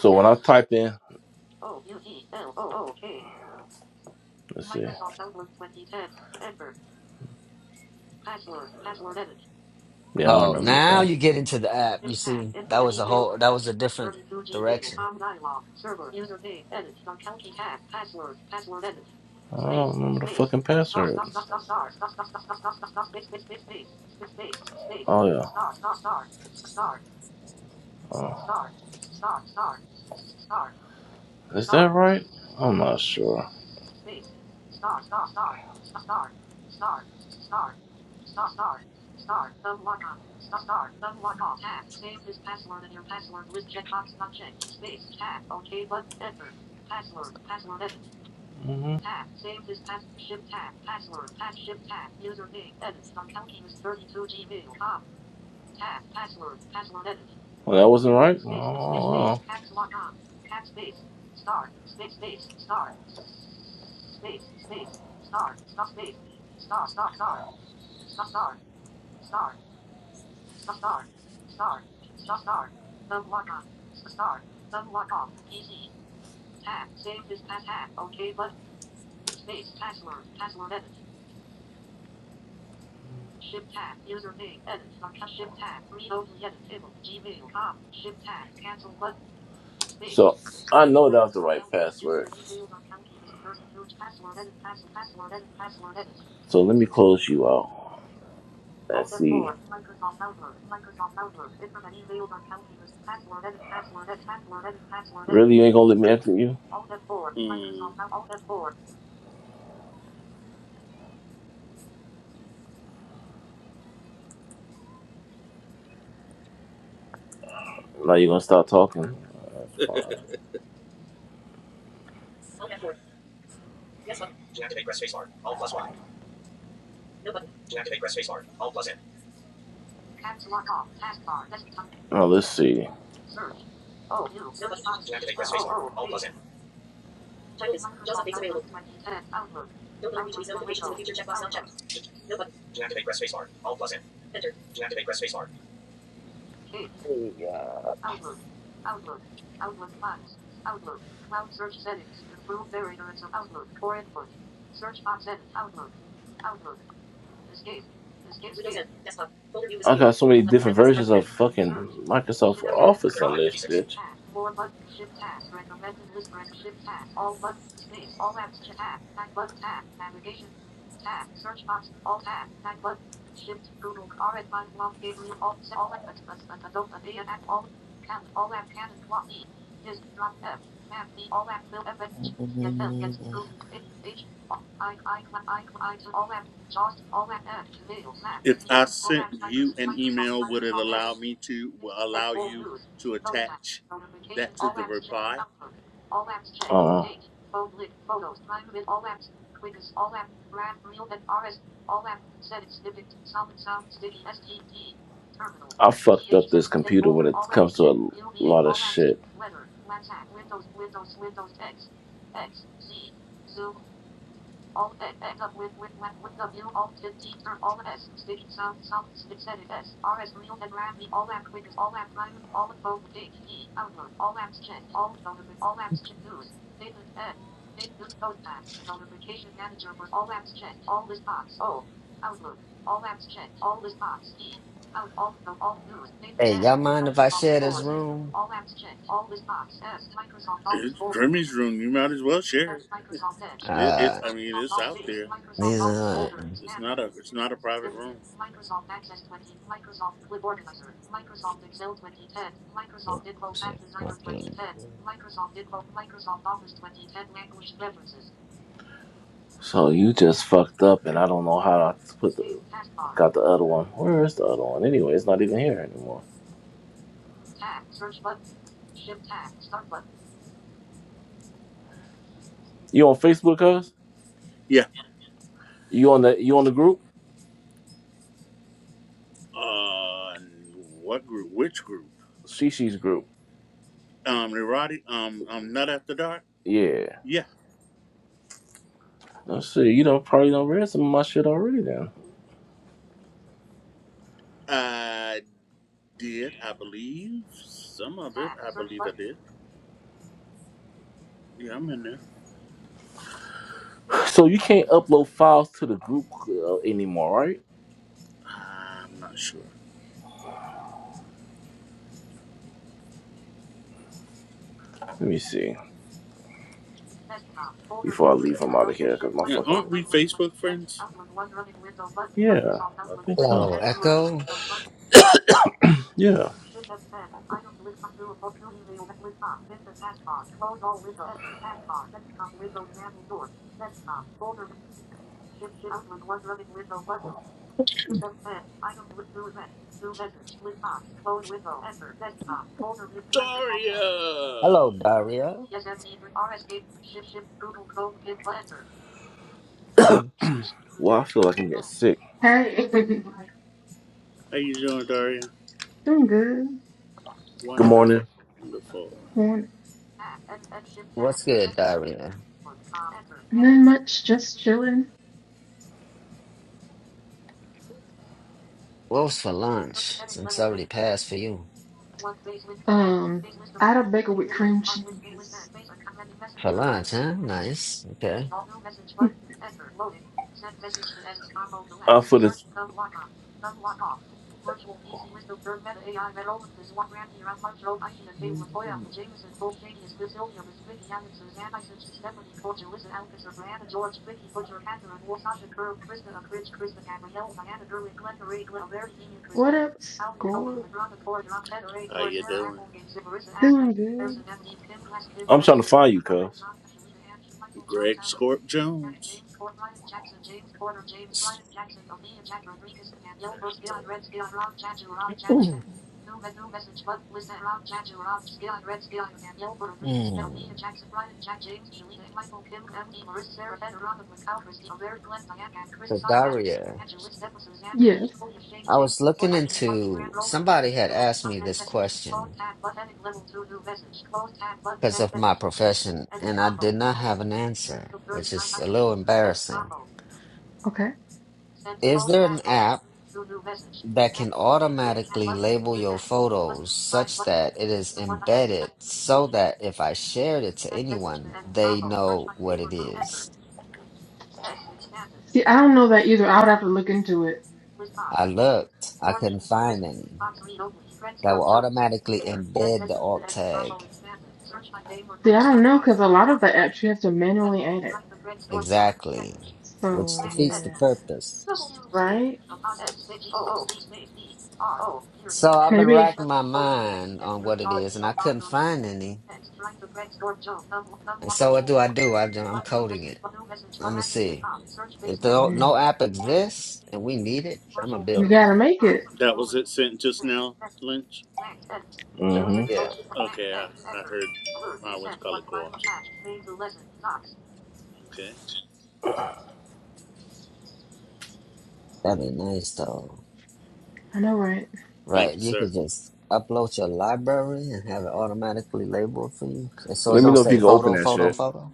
Speaker 6: So when I type in, let's see. Yeah, I don't
Speaker 7: Oh,
Speaker 6: remember the
Speaker 7: now
Speaker 6: pass.
Speaker 7: you get into the app. You see, that was a whole, that was a different direction.
Speaker 6: I don't remember the fucking password. Oh yeah. Oh, is that right? I'm not sure. hmm Well, that wasn't right. Oh, well. So I know that was the right password. So let me close you out. Let's see. Really, you ain't gonna let me exit you?
Speaker 2: Mm.
Speaker 6: Now you're gonna start talking? Uh, that's fine.
Speaker 2: Alt F four. yes Hmm. To activate, press spacebar. Alt plus Y. No button. To activate, press spacebar. Alt plus N.
Speaker 6: Now let's see.
Speaker 2: No button. To activate, press spacebar. All plus N. Title is Jaws updates available. Don't alert me to these notifications in the future. Checkbox not checked. No button. To activate, press spacebar. All plus N. Enter. To activate, press spacebar.
Speaker 7: Hey,
Speaker 2: Windows 10. Desktop. Folder view is
Speaker 6: I
Speaker 2: view.
Speaker 6: got so many
Speaker 2: Left red
Speaker 6: different
Speaker 2: classic right
Speaker 6: versions
Speaker 2: red.
Speaker 6: of fucking Microsoft
Speaker 2: PowerPoint.
Speaker 6: Office on this
Speaker 2: 3556.
Speaker 6: bitch. More button, shift tab, recommended list, shift tab, all buttons, space, all apps, chat tab, back button tab, navigation,
Speaker 7: uh,
Speaker 2: If I sent you an email, would it allow me to will allow you to attach that to the reply?
Speaker 6: all apps, check, Uh, date, phone link, photos, time limit, all apps, terminal. I fucked up this computer when it comes to a lot of shit.
Speaker 7: hey, y'all mind if I share this room?
Speaker 2: It's Grimmy's room. You might as well share it. it it's
Speaker 7: Uh,
Speaker 2: I mean it's out there.
Speaker 7: these are.
Speaker 2: It's not a it's not a private room.
Speaker 7: let's see, okay.
Speaker 6: So you just fucked up, and I don't know how to put the got the other one. Where is the other one? Anyway, it's not even here anymore. You on Facebook, cuz?
Speaker 2: Yeah,
Speaker 6: You on the you on the group?
Speaker 2: Uh, what group? Which group?
Speaker 6: Shishis group.
Speaker 2: Um, Neurotic. Um, um, Nut After Dark.
Speaker 6: Yeah.
Speaker 2: Yeah,
Speaker 6: Let's see. You know, probably don't read some of my shit already then.
Speaker 2: I did. I believe some of it. I believe I did. Yeah, I'm in there.
Speaker 6: So you can't upload files to the group uh, anymore, right?
Speaker 2: I'm not sure.
Speaker 6: Let me see. Before I leave, I'm out of here because my
Speaker 2: Yeah,
Speaker 6: fucking.
Speaker 2: aren't we Facebook friends?
Speaker 6: Yeah, I think so.
Speaker 7: Hello, Echo.
Speaker 6: Yeah.
Speaker 2: Daria,
Speaker 7: Hello, Daria. Mhm.
Speaker 6: Well, I feel like I'm getting sick.
Speaker 8: Hey,
Speaker 2: how you doing, Daria?
Speaker 8: doing good.
Speaker 6: Good
Speaker 2: Wonderful,
Speaker 6: morning.
Speaker 2: wonderful.
Speaker 8: Morning.
Speaker 7: What's good, Daria?
Speaker 8: Nothing much, just chilling.
Speaker 7: What was for lunch? Since I already passed for you.
Speaker 8: Um, I had a bagel with cream cheese.
Speaker 7: For lunch, huh? Nice. Okay.
Speaker 6: Uh, for this.
Speaker 7: Mm.
Speaker 8: What up, score?
Speaker 2: How you doing?
Speaker 8: Doing good.
Speaker 6: you,
Speaker 2: Greg Scorp Jones.
Speaker 7: Mm. For Daria.
Speaker 6: Evangelist Ephesus
Speaker 8: Yes.
Speaker 6: Zambiki Holy of James
Speaker 7: I
Speaker 6: James
Speaker 7: was
Speaker 6: the Boy
Speaker 7: looking
Speaker 6: I can March Grand
Speaker 7: into
Speaker 6: Roll of
Speaker 7: somebody had
Speaker 6: Message
Speaker 7: asked me
Speaker 6: Send
Speaker 7: this
Speaker 6: Message Phone
Speaker 7: question
Speaker 6: Tab But Heading Level 2 New Message Close Tab Button
Speaker 7: because
Speaker 6: Send
Speaker 7: of my
Speaker 6: Message
Speaker 7: profession, and I did not have an answer, which is a little embarrassing.
Speaker 8: Okay.
Speaker 7: Is there an app that can automatically label your photos such that it is embedded so that if I shared it to anyone, they know what it is?
Speaker 8: See, I don't know that either. I would have to look into it.
Speaker 7: I looked, I couldn't find any that will automatically embed the alt tag
Speaker 8: See, I don't know because a lot of the apps you have to manually add it.
Speaker 7: exactly, which
Speaker 8: So
Speaker 7: defeats the
Speaker 8: yeah,
Speaker 7: purpose.
Speaker 8: right?
Speaker 7: So I've been
Speaker 8: Maybe
Speaker 7: racking my mind on what it is, and I couldn't find any. And so what do I do? I, am coding it. I'm gonna see if the,
Speaker 8: mm,
Speaker 7: no app exists and we need it. I'm gonna
Speaker 8: you
Speaker 7: build it.
Speaker 8: gotta make it.
Speaker 2: That was it sent just now, Lynch.
Speaker 6: hmm
Speaker 7: Yeah,
Speaker 2: Okay, I, I heard my what's called co-op. Okay.
Speaker 7: that'd be nice though.
Speaker 8: I know, right?
Speaker 2: Thank you,
Speaker 7: Right? You
Speaker 2: sir.
Speaker 7: could just upload your library and have it automatically labeled for you, and so it
Speaker 6: Let me
Speaker 7: don't
Speaker 6: know if you
Speaker 7: say
Speaker 6: can open
Speaker 7: photo,
Speaker 6: that
Speaker 7: photo,
Speaker 6: shit.
Speaker 7: photo.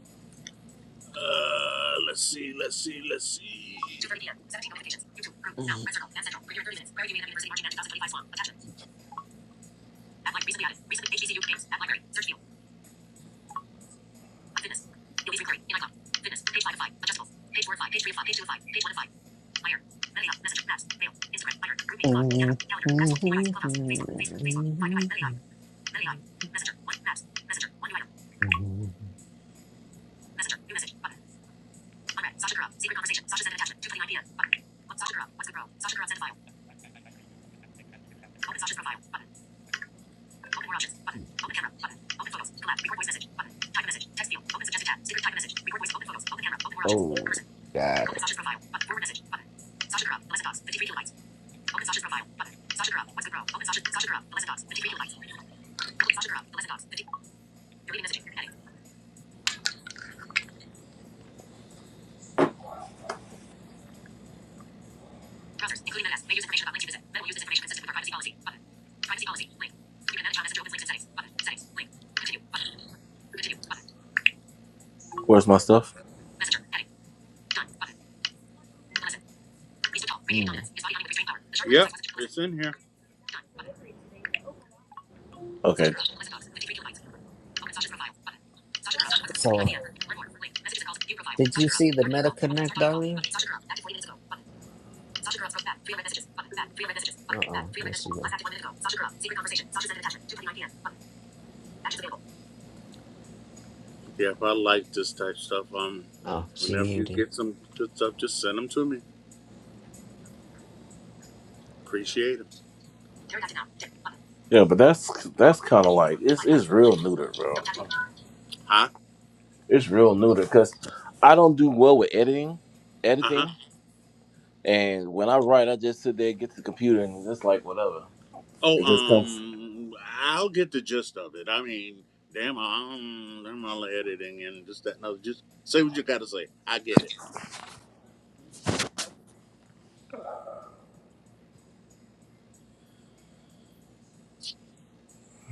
Speaker 2: Uh, let's see, let's see, let's see. 2.30 p.m. 17 notifications. YouTube, group, now, red circle, and central. Regular 30 minutes. Prairie View University, Marching Band 2025 Swan. Attention. App Live, recently added. Recently, HTC games. App library. Search view. My fitness. You'll be recording. In iCloud. Fitness. Page 5 of 5. Adjustable. Page 4 of 5. Page 3 of 5. Page 2 of 5. Page 1 of 5. Fire. Media. Messenger. Maps. Mail. Instagram. Fire. Group me. Cloud. Camera. Calendar. Capsule. Device. Clubhouse. Facebook. Facebook. Facebook. 5 UI. Media. Media. Messenger. 1. Maps. Messenger. 1 UI. Messenger. New message. Button. Unread. Sasha Grub. Secret conversation. Sasha sent an attachment. 2.29 p.m. Button. Sasha Grub. What's the bro? Sasha Grub sent a file. Open Sasha's profile. Button. Open more options. Button. Open camera. Button. Open photos. Collab. Record voice message. Button. Type a message. Text field. Open suggested tab. Secret type a message. Record voice. Open photos. Open camera. Open more options.
Speaker 7: Oh,
Speaker 2: Person.
Speaker 7: got
Speaker 2: Open
Speaker 7: it.
Speaker 2: Sasha's profile. Button. Forward message. Button. Sasha Grub. Blessed dogs. 53 kilobytes. Open Sasha's profile. Button. Sasha Grub. What's the bro? Open Sasha. Sasha Grub. Blessed dogs. 53 kilobytes. Open Sasha Grub. Blessed dogs. 50. You're reading messaging. Heading. Browsers, including Maps, may use information about links you visit. Meta will use this information consistent with our privacy policy. Button. Privacy policy. Link. You can manage how Messenger opens links in settings. Button. Settings. Link. Continue. Button. Continue. Button.
Speaker 6: Where's my stuff?
Speaker 2: Messenger. Heading. Done. Button. Listen. He's too tall. Radiating
Speaker 7: Mm.
Speaker 2: dominance. His body on with restrained power. The shark. Yep, it's in here. Done. Button. Sasha
Speaker 6: Okay.
Speaker 2: Gura. Listen dots. 53 kilobytes. Open Sasha's profile. Button. Sasha Gura. What's the
Speaker 7: So
Speaker 2: idea? Learn more. Link. Messages and calls. View profile.
Speaker 7: Did
Speaker 2: Sasha
Speaker 7: you
Speaker 2: Gura.
Speaker 7: see the
Speaker 2: Start video
Speaker 7: Meta
Speaker 2: call. Button.
Speaker 7: Connect,
Speaker 2: Start audio call.
Speaker 7: Darlene?
Speaker 2: Button. Sasha Gura. Active 40 minutes ago. Button. Sasha Gura. Back. 300 messages. Button. Back. 300 messages.
Speaker 7: Uh
Speaker 2: Button. Back.
Speaker 7: oh,
Speaker 2: 300
Speaker 7: let's
Speaker 2: messages.
Speaker 7: see.
Speaker 2: Last
Speaker 7: what-
Speaker 2: active 1 minute ago. Sasha Gura. Secret conversation. Sasha sent an attachment. 2.29 p.m. Button. Actions available. Yeah, if I like this type of stuff, um,
Speaker 7: Oh, she
Speaker 2: whenever you
Speaker 7: muted.
Speaker 2: get some good stuff, just send them to me. Appreciate them.
Speaker 6: Yeah, but that's that's kind of like it's it's real neuter, bro.
Speaker 2: Huh?
Speaker 6: It's real neuter because I don't do well with editing,
Speaker 2: Uh huh.
Speaker 6: editing, and when I write, I just sit there, get to the computer, and it's like whatever.
Speaker 2: Oh,
Speaker 6: It just comes.
Speaker 2: um, I'll get the gist of it. I mean, damn, um, damn all the editing and just that. No, just say what you gotta say. I get it.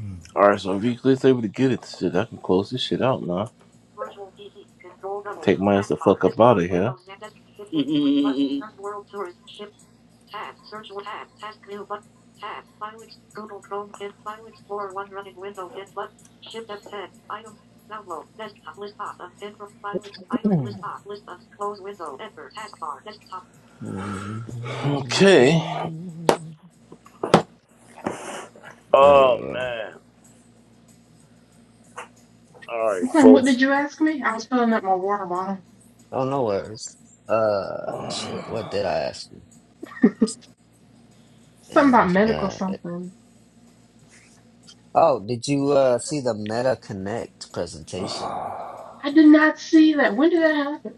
Speaker 7: Mm.
Speaker 6: All right, so if you click able to get it, shit, I can close this shit out now. Take my ass the fuck up out of here.
Speaker 7: Oh,
Speaker 6: Okay. Uh,
Speaker 7: yeah, yeah.
Speaker 8: It's like, what
Speaker 6: folks.
Speaker 8: did you ask me? I was filling up my water bottle.
Speaker 7: oh, no worries. Uh, shit. What did I ask you?
Speaker 8: Something
Speaker 7: Damn, I
Speaker 8: about medical
Speaker 7: forgot.
Speaker 8: something.
Speaker 7: Oh, did you uh see the Meta Connect presentation?
Speaker 8: I did not see that. When did that happen?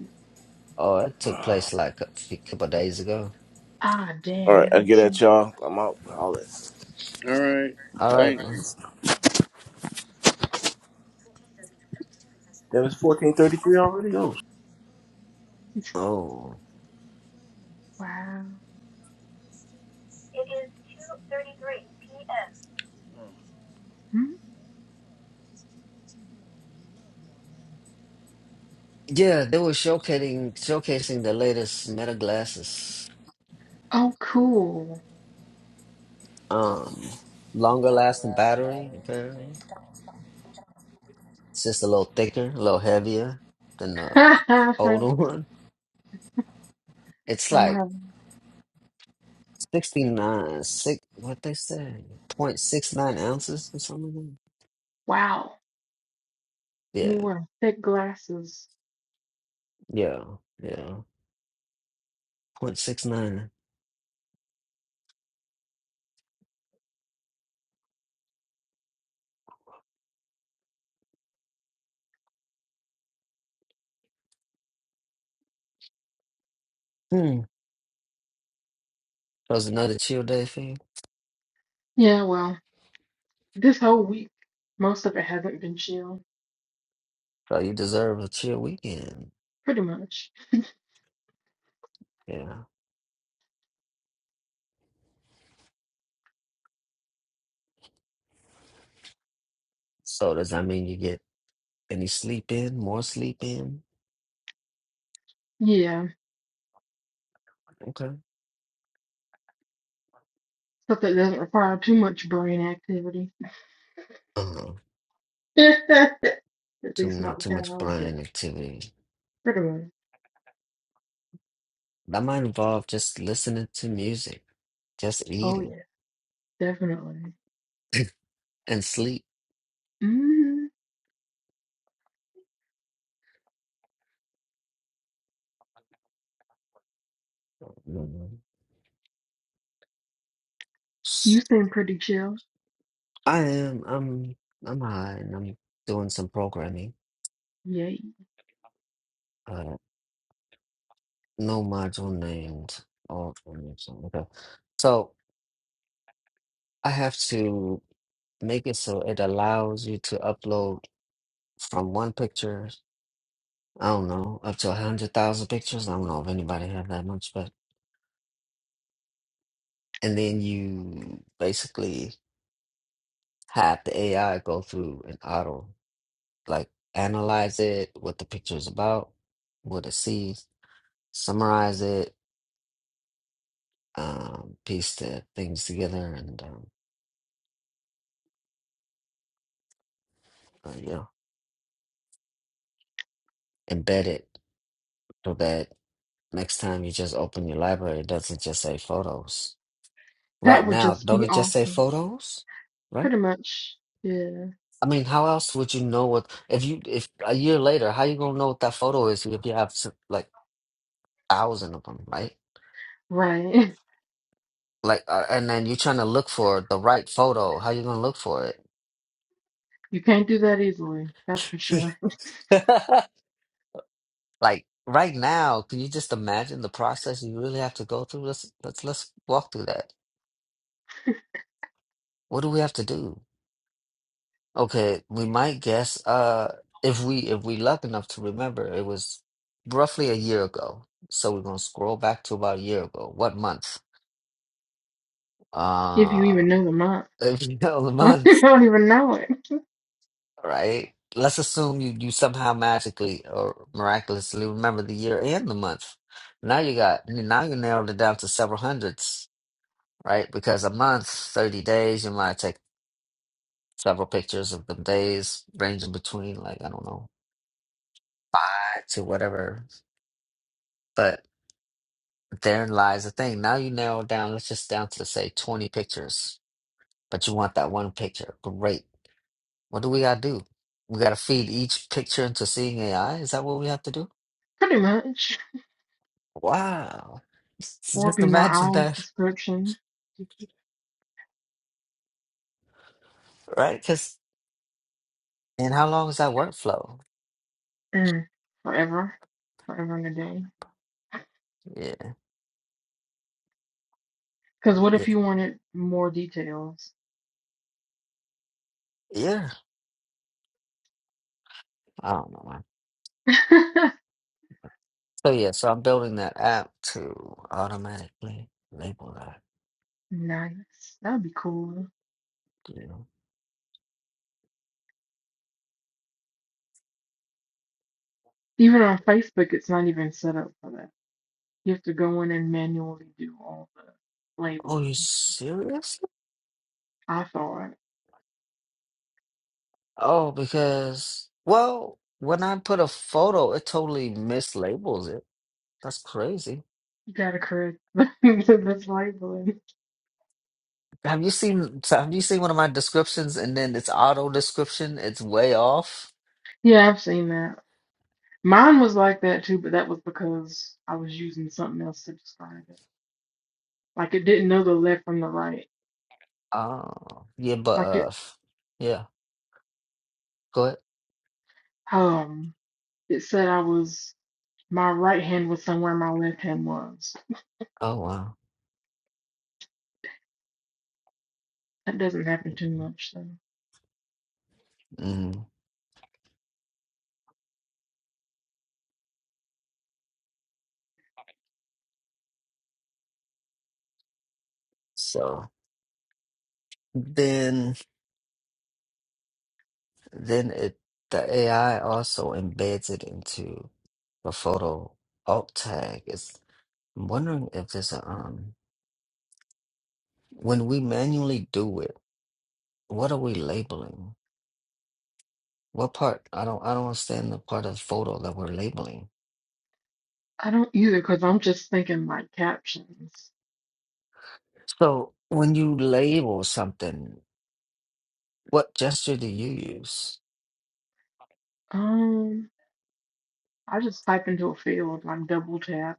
Speaker 7: Oh, it took place like a few couple days ago.
Speaker 8: Ah,
Speaker 6: All
Speaker 8: dang,
Speaker 6: right,
Speaker 8: I
Speaker 6: I
Speaker 8: didn't
Speaker 6: get
Speaker 8: see
Speaker 6: at y'all. I'm out. All that.
Speaker 2: Mm-hmm. all right.
Speaker 7: All
Speaker 6: All right.
Speaker 7: right, man.
Speaker 2: Thanks.
Speaker 6: Damn, it's 14:33 already. Oh.
Speaker 8: it.
Speaker 7: Oh,
Speaker 8: Wow.
Speaker 2: It is two thirty-three p.m.
Speaker 8: Hmm?
Speaker 7: yeah, they were showcasing showcasing the latest Meta glasses.
Speaker 8: Oh, cool.
Speaker 7: Um, longer lasting battery, apparently. It's just a little thicker, a little heavier than the
Speaker 8: I'm
Speaker 7: older one. It's
Speaker 8: gonna
Speaker 7: like
Speaker 8: have,
Speaker 7: 69, six, what they say, Point six nine ounces or something
Speaker 8: wow.
Speaker 7: like
Speaker 8: I
Speaker 7: that.
Speaker 8: mean,
Speaker 7: Yeah,
Speaker 8: wearing thick glasses.
Speaker 7: yeah, yeah, Point six nine. Hmm. That was another chill day for you.
Speaker 8: Yeah, well, this whole week, most of it hasn't been chill,
Speaker 7: So you deserve a chill weekend.
Speaker 8: pretty much.
Speaker 7: Yeah. So does that mean you get any sleep in, more sleep in?
Speaker 8: Yeah,
Speaker 7: Okay.
Speaker 8: stuff that doesn't require too much brain activity.
Speaker 7: Uh-huh.
Speaker 8: At
Speaker 7: Too,
Speaker 8: least not
Speaker 7: not
Speaker 8: the
Speaker 7: too
Speaker 8: kind
Speaker 7: much
Speaker 8: I was doing.
Speaker 7: brain activity.
Speaker 8: Pretty much.
Speaker 7: That might involve just listening to music, just
Speaker 8: Oh,
Speaker 7: eating
Speaker 8: yeah, definitely.
Speaker 7: and sleep.
Speaker 8: hmm
Speaker 7: Mhm.
Speaker 8: You seem pretty chill.
Speaker 7: I am. I'm. I'm high, and I'm doing some programming.
Speaker 8: Yay.
Speaker 7: Uh, no module named or something. Okay. So I have to make it so it allows you to upload from one picture. I don't know, up to a hundred thousand pictures. I don't know if anybody have that much, but and then you basically have the AI go through and auto. like analyze it, what the picture is about, what it sees, summarize it, um, piece the things together, and um, uh, you know, embed it so that next time you just open your library, it doesn't just say photos. Right
Speaker 8: That would
Speaker 7: now,
Speaker 8: just
Speaker 7: don't
Speaker 8: be
Speaker 7: it just say
Speaker 8: awesome.
Speaker 7: photos? Right?
Speaker 8: Pretty much. Yeah.
Speaker 7: I mean, how else would you know what if you if a year later, how you gonna know what that photo is if you have s- like thousand of them, right?
Speaker 8: Right.
Speaker 7: Like, uh, and then you're trying to look for the right photo. How you gonna look for
Speaker 8: You can't do that easily, that's for
Speaker 7: it?
Speaker 8: sure.
Speaker 7: Like right now, can you just imagine the process you really have to go through? Let's let's let's walk through that. What do we have to do? Okay, we might guess uh if we if we luck enough to remember it was roughly a year ago. So we're gonna scroll back to about a year ago. What month?
Speaker 8: If you
Speaker 7: Uh
Speaker 8: even know the month.
Speaker 7: if you know the
Speaker 8: Most
Speaker 7: month,
Speaker 8: people don't even know it.
Speaker 7: right? Let's assume you you somehow magically or miraculously remember the year and the month. Now you got now you narrowed it down to several hundreds right? Because a month, 30 days, you might take several pictures of the days, ranging between like, I don't know, five to whatever. But therein lies the thing. Now you narrow down, let's just down to say 20 pictures, but you want that one picture. Great. What do we gotta do? We gotta feed each picture into seeing AI? Is that what we have to do?
Speaker 8: Pretty much.
Speaker 7: Wow.
Speaker 8: Or
Speaker 7: Just
Speaker 8: be my
Speaker 7: imagine
Speaker 8: eyes
Speaker 7: that,
Speaker 8: description.
Speaker 7: right? Because, and how long is that workflow?
Speaker 8: Mm. Forever. Forever and a day.
Speaker 7: Yeah,
Speaker 8: Because what
Speaker 7: yeah,
Speaker 8: if you wanted more details?
Speaker 7: yeah. I don't know, man.
Speaker 8: nice.
Speaker 7: So yeah, so I'm building that app to automatically label that.
Speaker 8: That would be cool.
Speaker 7: You know.
Speaker 8: Even on Facebook, it's not even set up for that. You have to go in and manually do all the
Speaker 7: Oh,
Speaker 8: labels
Speaker 7: you
Speaker 8: and stuff.
Speaker 7: serious?
Speaker 8: I thought
Speaker 7: Oh, because well, when I put a photo, it totally mislabels it. That's crazy.
Speaker 8: you gotta correct this labeling.
Speaker 7: Have you seen? so Have you seen one of my descriptions and then it's auto description? It's way off.
Speaker 8: Yeah, I've seen that. Mine was like that too, but that was because I was using something else to describe it. Like it didn't know the left from the right.
Speaker 7: Oh, yeah, but
Speaker 8: Like it
Speaker 7: uh, yeah. Go ahead.
Speaker 8: um it said I was my right hand was somewhere my left hand was.
Speaker 7: Oh wow.
Speaker 8: That doesn't happen too much though.
Speaker 7: Mm. So then. Then it the AI also embeds it into the photo alt tag. It's, I'm wondering if there's a um when we manually do it, what are we labeling? What part? I don't I don't understand the part of the photo that we're labeling.
Speaker 8: I don't either because I'm just thinking like captions.
Speaker 7: So when you label something, what gesture do you use?
Speaker 8: Um I just type into a field like double tap.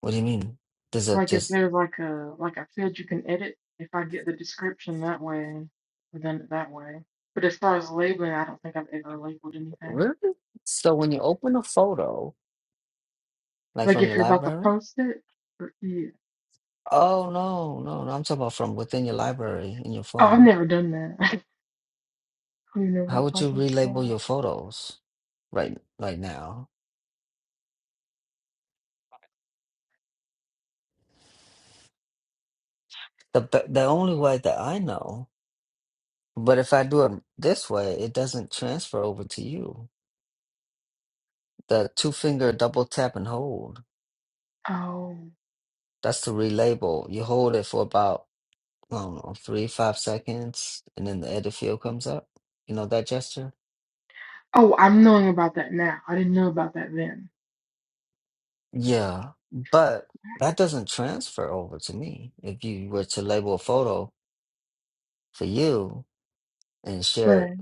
Speaker 7: What do you mean? Does it
Speaker 8: Like if
Speaker 7: just
Speaker 8: there's like a like a field you can edit, if I get the description that way, I've done it that way. But as far as labeling, I don't think I've ever labeled anything.
Speaker 7: really? So when you open a photo, like
Speaker 8: Like
Speaker 7: from
Speaker 8: if
Speaker 7: your
Speaker 8: you're about to
Speaker 7: library?
Speaker 8: post it? or- Yeah.
Speaker 7: Oh no, no, no. I'm talking about from within your library in your
Speaker 8: Oh, I've
Speaker 7: phone.
Speaker 8: never done that. I don't even know what
Speaker 7: How
Speaker 8: that
Speaker 7: would you
Speaker 8: process is for.
Speaker 7: relabel your photos right right now? The the the only way that I know, but if I do it this way, it doesn't transfer over to you. The two finger double tap and hold.
Speaker 8: Oh.
Speaker 7: That's to relabel. You hold it for about I don't know three five seconds, and then the edit field comes up. You know that gesture?
Speaker 8: Oh, I'm knowing about that now. I didn't know about that then.
Speaker 7: Yeah, but that doesn't transfer over to me. If you were to label a photo for you and share it
Speaker 8: Right.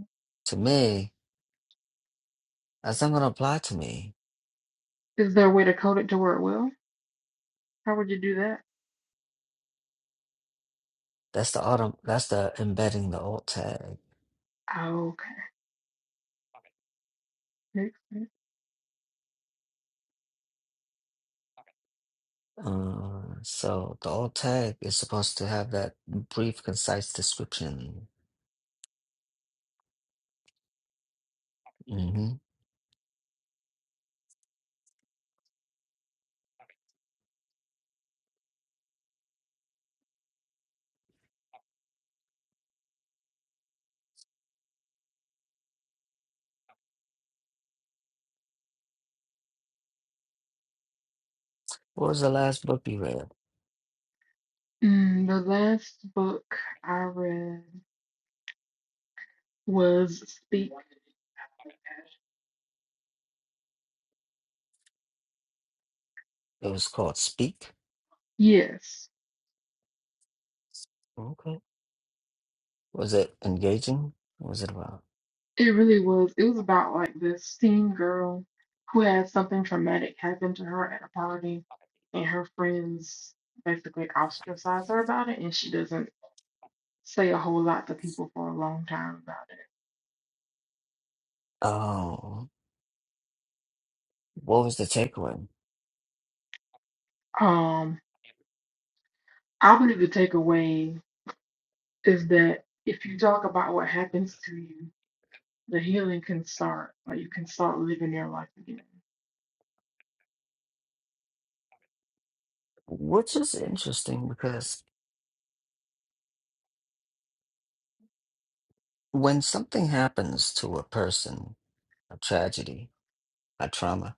Speaker 7: to me, that's not going to apply to me
Speaker 8: Is there a way to code it to where it will? How would you do that?
Speaker 7: That's the autumn. That's the embedding the alt tag.
Speaker 8: Okay. Makes sense.
Speaker 7: Uh, so the alt tag is supposed to have that brief, concise description. hmm What was the last book you read?
Speaker 8: Mm, the last book I read was Speak.
Speaker 7: It was called Speak.
Speaker 8: Yes.
Speaker 7: Okay. Was it engaging? What was it about?
Speaker 8: It really was. It was about like this teen girl who had something traumatic happen to her at a party, and her friends basically ostracize her about it, and she doesn't say a whole lot to people for a long time about it.
Speaker 7: Oh, what was the takeaway?
Speaker 8: Um, I believe the takeaway is that if you talk about what happens to you, the healing can start. Like you can start living your life again.
Speaker 7: Which is interesting because when something happens to a person, a tragedy, a trauma,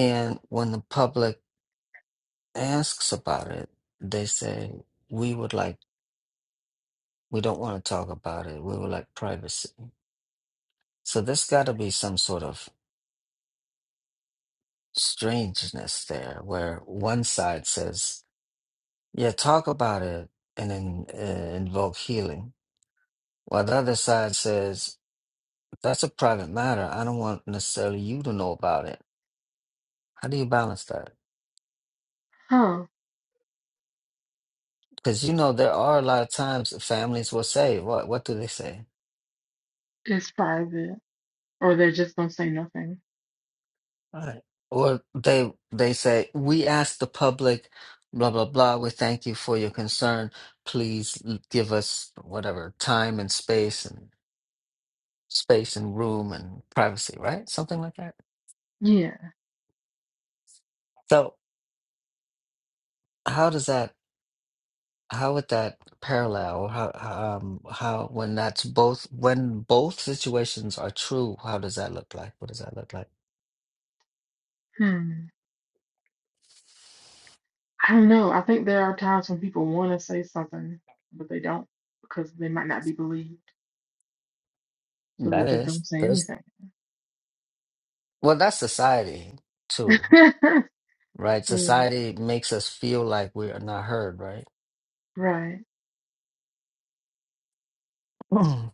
Speaker 7: and when the public asks about it, they say, we would like, we don't want to talk about it. We would like privacy. So there's got to be some sort of strangeness there where one side says, yeah, talk about it and then uh, invoke healing, while the other side says, that's a private matter. I don't want necessarily you to know about it. How do you balance that?
Speaker 8: Huh?
Speaker 7: Because you know there are a lot of times families will say, "What? What do they say?
Speaker 8: It's private, or they just don't say nothing.
Speaker 7: Right. Or they they say, we ask the public, blah blah blah. We thank you for your concern. Please l- give us whatever time and space and space and room and privacy, right? Something like that.
Speaker 8: Yeah.
Speaker 7: So how does that? How would that parallel? How um how when that's both when both situations are true? How does that look like? What does that look like?
Speaker 8: Hmm. I don't know. I think there are times when people want to say something, but they don't because they might not be believed. So they
Speaker 7: That
Speaker 8: just
Speaker 7: is
Speaker 8: don't say
Speaker 7: there's
Speaker 8: anything.
Speaker 7: well that's society too. right?
Speaker 8: Yeah,
Speaker 7: Society makes us feel like we are not heard, right?
Speaker 8: right.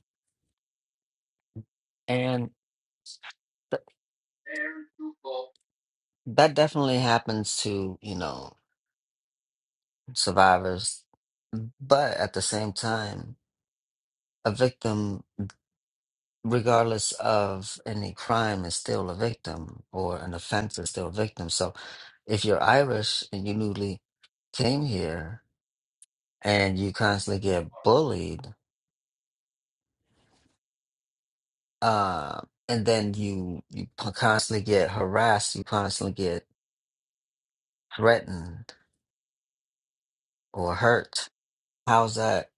Speaker 7: And th- that definitely happens to, you know, survivors. But at the same time, a victim, regardless of any crime, is still a victim or an offense is still a victim. So if you're Irish and you newly came here and you constantly get bullied, uh, and then you you p- constantly get harassed, you constantly get threatened, or hurt, how's that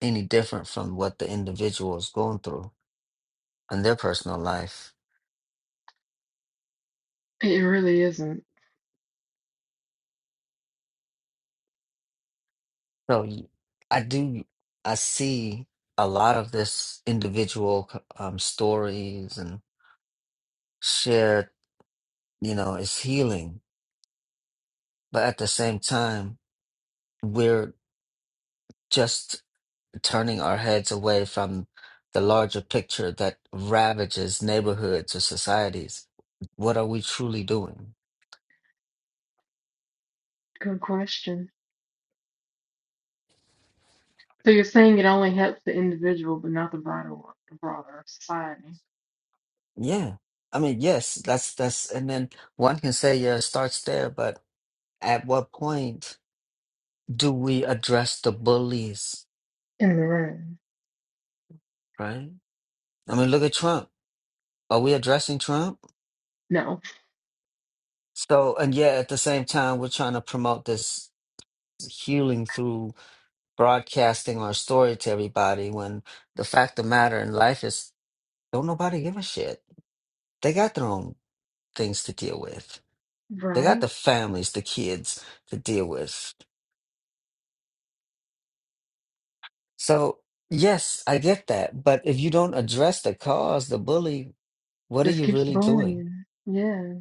Speaker 7: any different from what the individual is going through in their personal life?
Speaker 8: It really isn't.
Speaker 7: So y- I do, I see a lot of this individual um, stories and shared, you know, is healing. But at the same time, we're just turning our heads away from the larger picture that ravages neighborhoods or societies. What are we truly doing?
Speaker 8: Good question. So you're saying it only helps the individual, but not the broader, wor- the broader society
Speaker 7: Yeah. I mean, yes, that's that's and then one can say yeah, it starts there, but at what point do we address the bullies,
Speaker 8: in the room.
Speaker 7: right? I mean, look at Trump. Are we addressing Trump?
Speaker 8: No.
Speaker 7: So, and yet at the same time, we're trying to promote this healing through broadcasting our story to everybody when the fact of matter in life is don't nobody give a shit. They got their own things to deal with. They got
Speaker 8: Right.
Speaker 7: the families, the kids to deal with. So, yes, I get that. But if you don't address the cause, the bully, what are
Speaker 8: Just
Speaker 7: you
Speaker 8: keeps
Speaker 7: really doing?
Speaker 8: bullying. Yeah.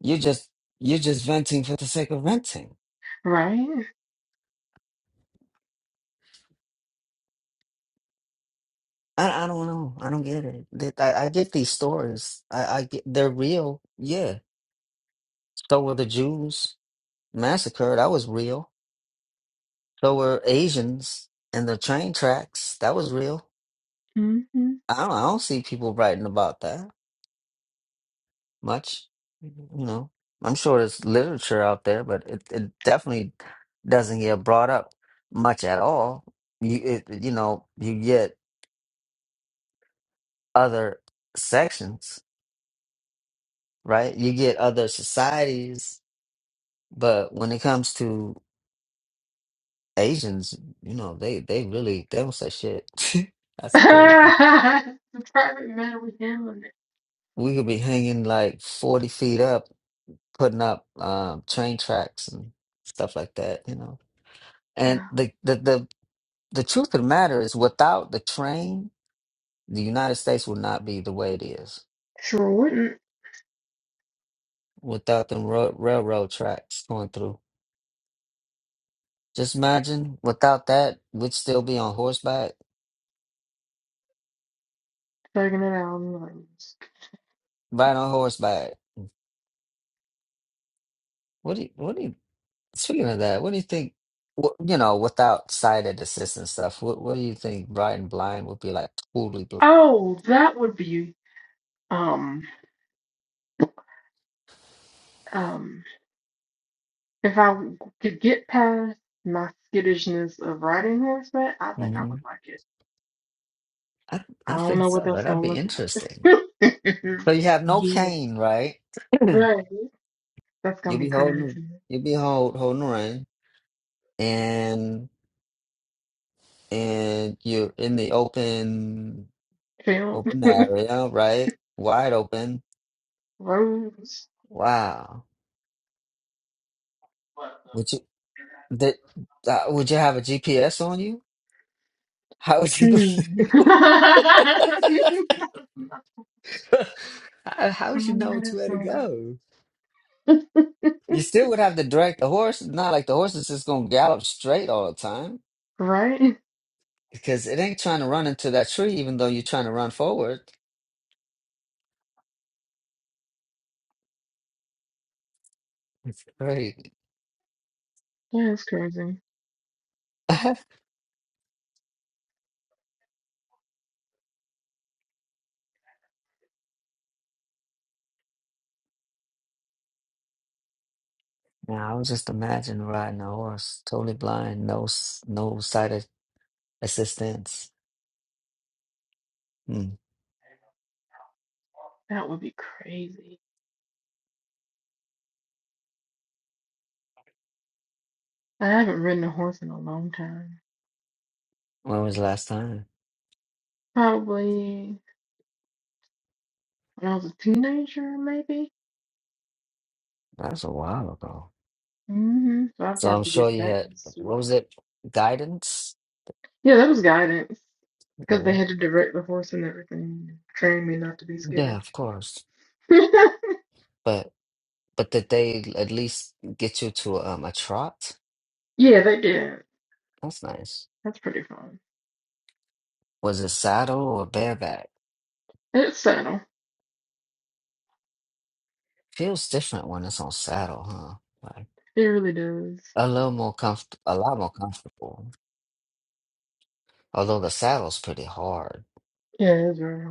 Speaker 7: You're just you're just venting for the sake of venting.
Speaker 8: Right.
Speaker 7: I, I don't know. I don't get it. Th- I, I get these stories. I, I get they're real. Yeah. So were the Jews massacred. That was real. So were Asians and the train tracks. That was real.
Speaker 8: Mm-hmm.
Speaker 7: I don't, I don't see people writing about that. much. You know, I'm sure there's literature out there, but it, it definitely doesn't get brought up much at all. You it, you know, you get other sections, right? You get other societies, but when it comes to Asians, you know, they they really they don't say shit. That's crazy.
Speaker 8: Private matter we handling it.
Speaker 7: We could be hanging like 40 feet up, putting up um, train tracks and stuff like that, you know. And
Speaker 8: Wow.
Speaker 7: the the the the truth of the matter is without the train the united states would not be the way it is
Speaker 8: Sure wouldn't.
Speaker 7: without them ro- railroad tracks going through just imagine without that we'd still be on horseback
Speaker 8: Taking it out in the lungs.
Speaker 7: riding on horseback what do you what do you speaking of that what do you think wh- you know without sighted assistance stuff what, what do you think riding blind would be like totally blind
Speaker 8: Oh, that would be um um if I could get past my skittishness of riding horseback, I think I
Speaker 7: hmm
Speaker 8: would like it.
Speaker 7: I,
Speaker 8: I
Speaker 7: I
Speaker 8: don't
Speaker 7: think
Speaker 8: know what
Speaker 7: so
Speaker 8: that's
Speaker 7: that'd
Speaker 8: gonna
Speaker 7: be
Speaker 8: look
Speaker 7: interesting
Speaker 8: like.
Speaker 7: so you have no
Speaker 8: Yeah,
Speaker 7: cane right you'll
Speaker 8: right. That's gonna be
Speaker 7: be holding
Speaker 8: crazy.
Speaker 7: you'll be hold, holding the and and you're in the open
Speaker 8: Film
Speaker 7: open area, right? Wide open.
Speaker 8: roads.
Speaker 7: Wow. Would you that uh, would you have a GPS on you? How would
Speaker 8: Hmm.
Speaker 7: you know?
Speaker 8: I
Speaker 7: how, how
Speaker 8: don't
Speaker 7: would you
Speaker 8: know
Speaker 7: know
Speaker 8: how
Speaker 7: which
Speaker 8: that's
Speaker 7: way to
Speaker 8: gonna
Speaker 7: go?
Speaker 8: go.
Speaker 7: You still would have to direct the horse. Not like the horse is just gonna gallop straight all the time
Speaker 8: Right?
Speaker 7: because it ain't trying to run into that tree, even though you're trying to run forward. It's great.
Speaker 8: That's crazy.
Speaker 7: Now, I was just imagining riding a horse, totally blind, no s- no sight a- assistance. Hmm.
Speaker 8: That would be crazy. I haven't ridden a horse in a long time.
Speaker 7: When was the last time?
Speaker 8: Probably when I was a teenager, maybe.
Speaker 7: That was a while ago.
Speaker 8: hmm So I've
Speaker 7: So
Speaker 8: got
Speaker 7: I'm
Speaker 8: to
Speaker 7: sure
Speaker 8: get
Speaker 7: you
Speaker 8: back
Speaker 7: had, what
Speaker 8: into it.
Speaker 7: was it, guidance?
Speaker 8: Yeah, that was guidance because
Speaker 7: Yeah,
Speaker 8: they had to direct the horse and everything, train me not to be
Speaker 7: yeah, of
Speaker 8: skittish.
Speaker 7: course. But but did they at least get you to um, a trot?
Speaker 8: Yeah, they did.
Speaker 7: That's nice.
Speaker 8: That's pretty fun.
Speaker 7: Was it saddle or bareback?
Speaker 8: It's subtle.
Speaker 7: Feels different when it's on saddle, huh? Like
Speaker 8: It really does.
Speaker 7: a little more comfort, a lot more comfortable. Although the saddle's pretty hard.
Speaker 8: Yeah, it's very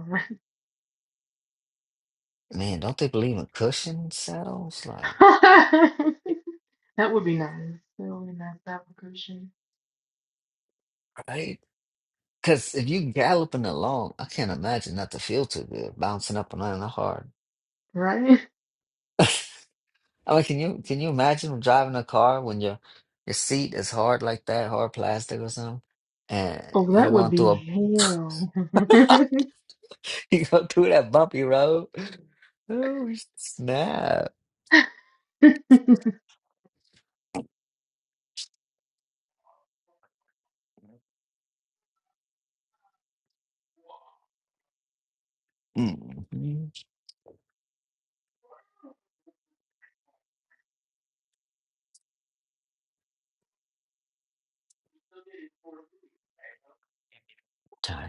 Speaker 7: Man, don't they believe in cushion saddles? Like,
Speaker 8: hard. That would be nice. That would be nice to have a cushion,
Speaker 7: right? Because if you galloping along, I can't imagine not to feel too good, bouncing up and down the hard.
Speaker 8: right?
Speaker 7: I mean, can you can you imagine driving a car when your your seat is hard like that, hard plastic or something, and
Speaker 8: Oh,
Speaker 7: you're
Speaker 8: that would
Speaker 7: going
Speaker 8: be
Speaker 7: through
Speaker 8: hell.
Speaker 7: a you going through that bumpy road? Oh snap! Mm-hmm.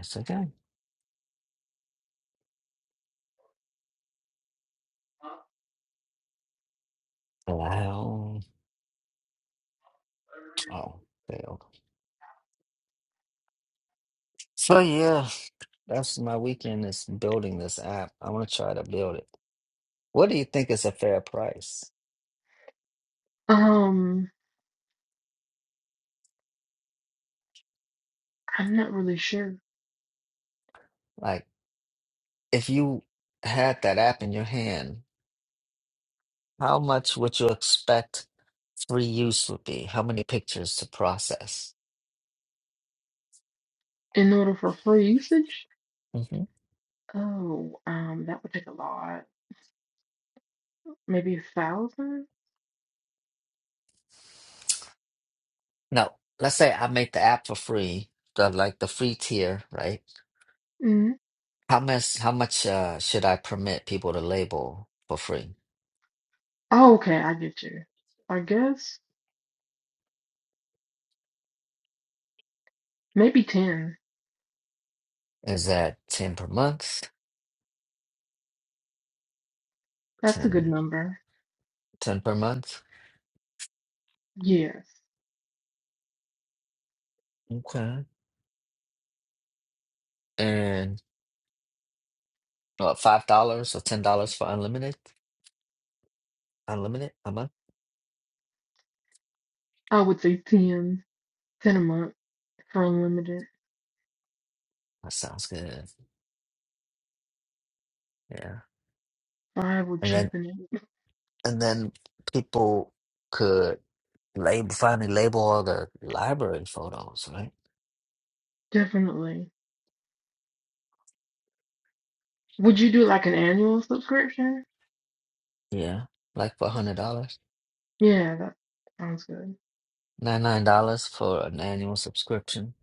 Speaker 7: It's okay. Well, oh, failed. So yeah. That's my weekend is building this app. I want to try to build it. What do you think is a fair price?
Speaker 8: Um, I'm not really sure.
Speaker 7: Like, if you had that app in your hand, how much would you expect free use would be? How many pictures to process?
Speaker 8: In order for free usage?
Speaker 7: hmm
Speaker 8: Oh, um, that would take a lot. Maybe a thousand?
Speaker 7: No, let's say I make the app for free, the like the free tier, right?
Speaker 8: Mm-hmm.
Speaker 7: How much how much uh, should I permit people to label for free?
Speaker 8: Oh, okay, I get you. I guess maybe ten.
Speaker 7: Is that 10 per month?
Speaker 8: That's a good
Speaker 7: Ten,
Speaker 8: number.
Speaker 7: ten per month?
Speaker 8: Yes.
Speaker 7: Okay. and Uh, five dollars or ten dollars for unlimited, unlimited a month.
Speaker 8: I would say ten. Ten a month for unlimited.
Speaker 7: That sounds good. Yeah,
Speaker 8: Five would
Speaker 7: and then
Speaker 8: cheapen it.
Speaker 7: and then people could label finally label all the library photos, right?
Speaker 8: Definitely. Would you do like an annual subscription?
Speaker 7: Yeah, like for a hundred dollars,
Speaker 8: Yeah, that sounds good.
Speaker 7: ninety nine dollars for an annual subscription.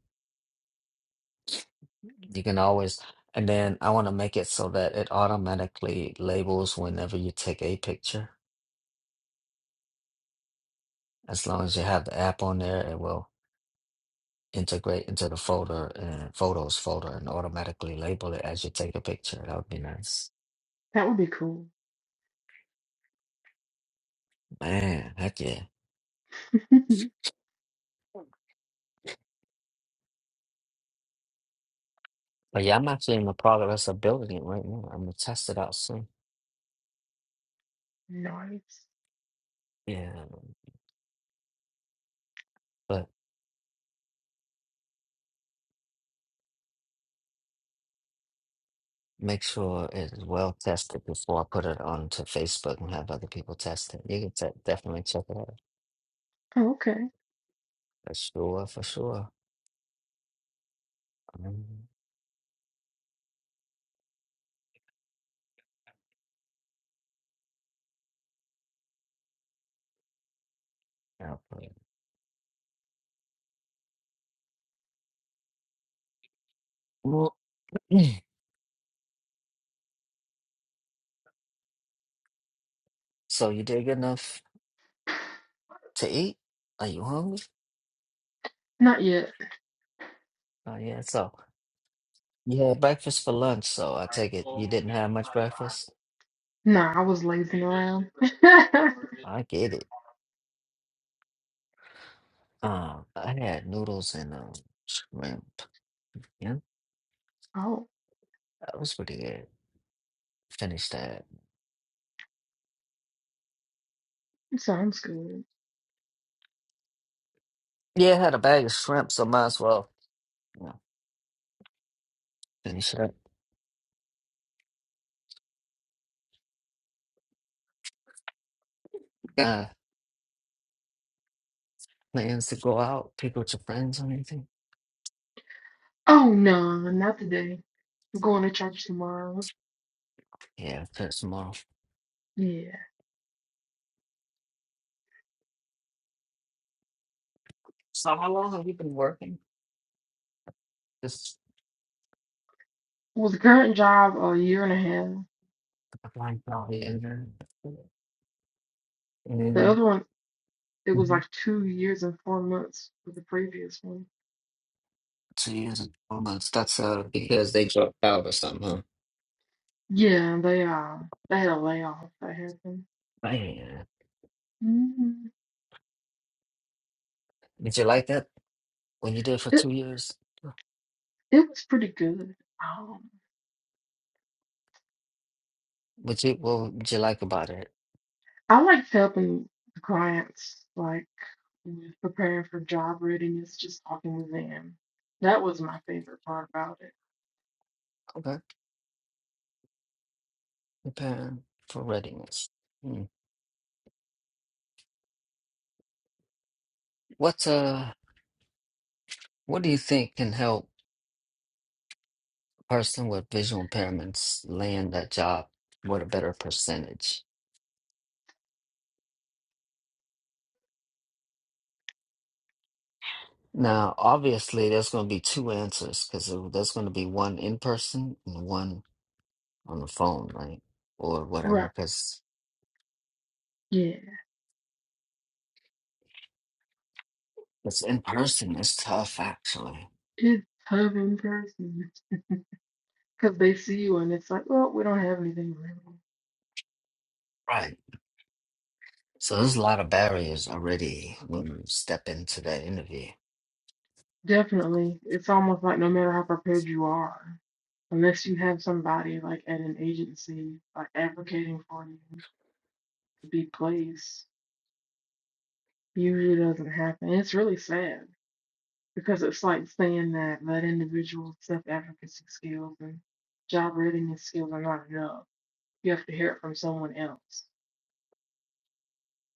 Speaker 7: You can always and then I want to make it so that it automatically labels whenever you take a picture. As long as you have the app on there, it will. integrate into the folder and photos folder and automatically label it as you take a picture. That would be nice.
Speaker 8: That would be cool.
Speaker 7: Man, heck yeah. But yeah, I'm actually in the progress of building it right now. I'm gonna test it out soon.
Speaker 8: Nice.
Speaker 7: Yeah, but make sure it is well tested before I put it onto Facebook and have other people test it. You can te- definitely check it out.
Speaker 8: Oh, okay.
Speaker 7: For sure, for sure. Um, yeah, but- Well, so you did good enough to eat? Are you hungry?
Speaker 8: Not yet.
Speaker 7: Oh yeah, so You had breakfast for lunch, so I take it you didn't have much breakfast.
Speaker 8: Nah, I was lazing around.
Speaker 7: I get it. Um, I had noodles and um shrimp. Yeah,
Speaker 8: oh,
Speaker 7: that was pretty good. Finished that.
Speaker 8: sounds good.
Speaker 7: Yeah, I had a bag of shrimp, so might as well you know, finish it up. Uh, plans to go out, pick with your friends or anything?
Speaker 8: Oh no, not today. I'm going to church tomorrow.
Speaker 7: Yeah, for tomorrow.
Speaker 8: Yeah.
Speaker 7: So how long have you been working? Just
Speaker 8: Was the current job a year and a half?
Speaker 7: a blind probably in there.
Speaker 8: The
Speaker 7: And
Speaker 8: other one, it was like
Speaker 7: Mhm.
Speaker 8: two years and four months for the previous one.
Speaker 7: two years and four months. That's uh because they dropped out or something, huh?
Speaker 8: Yeah, they uh they had a layoff that happened.
Speaker 7: Man,
Speaker 8: mm
Speaker 7: did you like that? When you did it for
Speaker 8: It
Speaker 7: two years,
Speaker 8: it was pretty good. Um,
Speaker 7: what you what would you like about it?
Speaker 8: I liked helping the clients. Like and preparing for job readiness, just talking to them. That was my favorite part about it.
Speaker 7: Okay, preparing for readiness. Hmm. What uh, what do you think can help a person with visual impairments land that job with a better percentage? Now, obviously, there's going to be two answers because there's going to be one in person and one on the phone, right, or whatever.
Speaker 8: Right.
Speaker 7: Because
Speaker 8: Yeah.
Speaker 7: it's in person, it's tough actually,
Speaker 8: It's tough in person because they see you and it's like, well, we don't have anything available.
Speaker 7: right? So there's a lot of barriers already when you step into that interview.
Speaker 8: Definitely. It's almost like no matter how prepared you are, unless you have somebody like at an agency like advocating for you to be placed, usually doesn't happen. It's really sad. because it's like saying that that individual self-advocacy skills and job readiness skills are not enough. You have to hear it from someone else.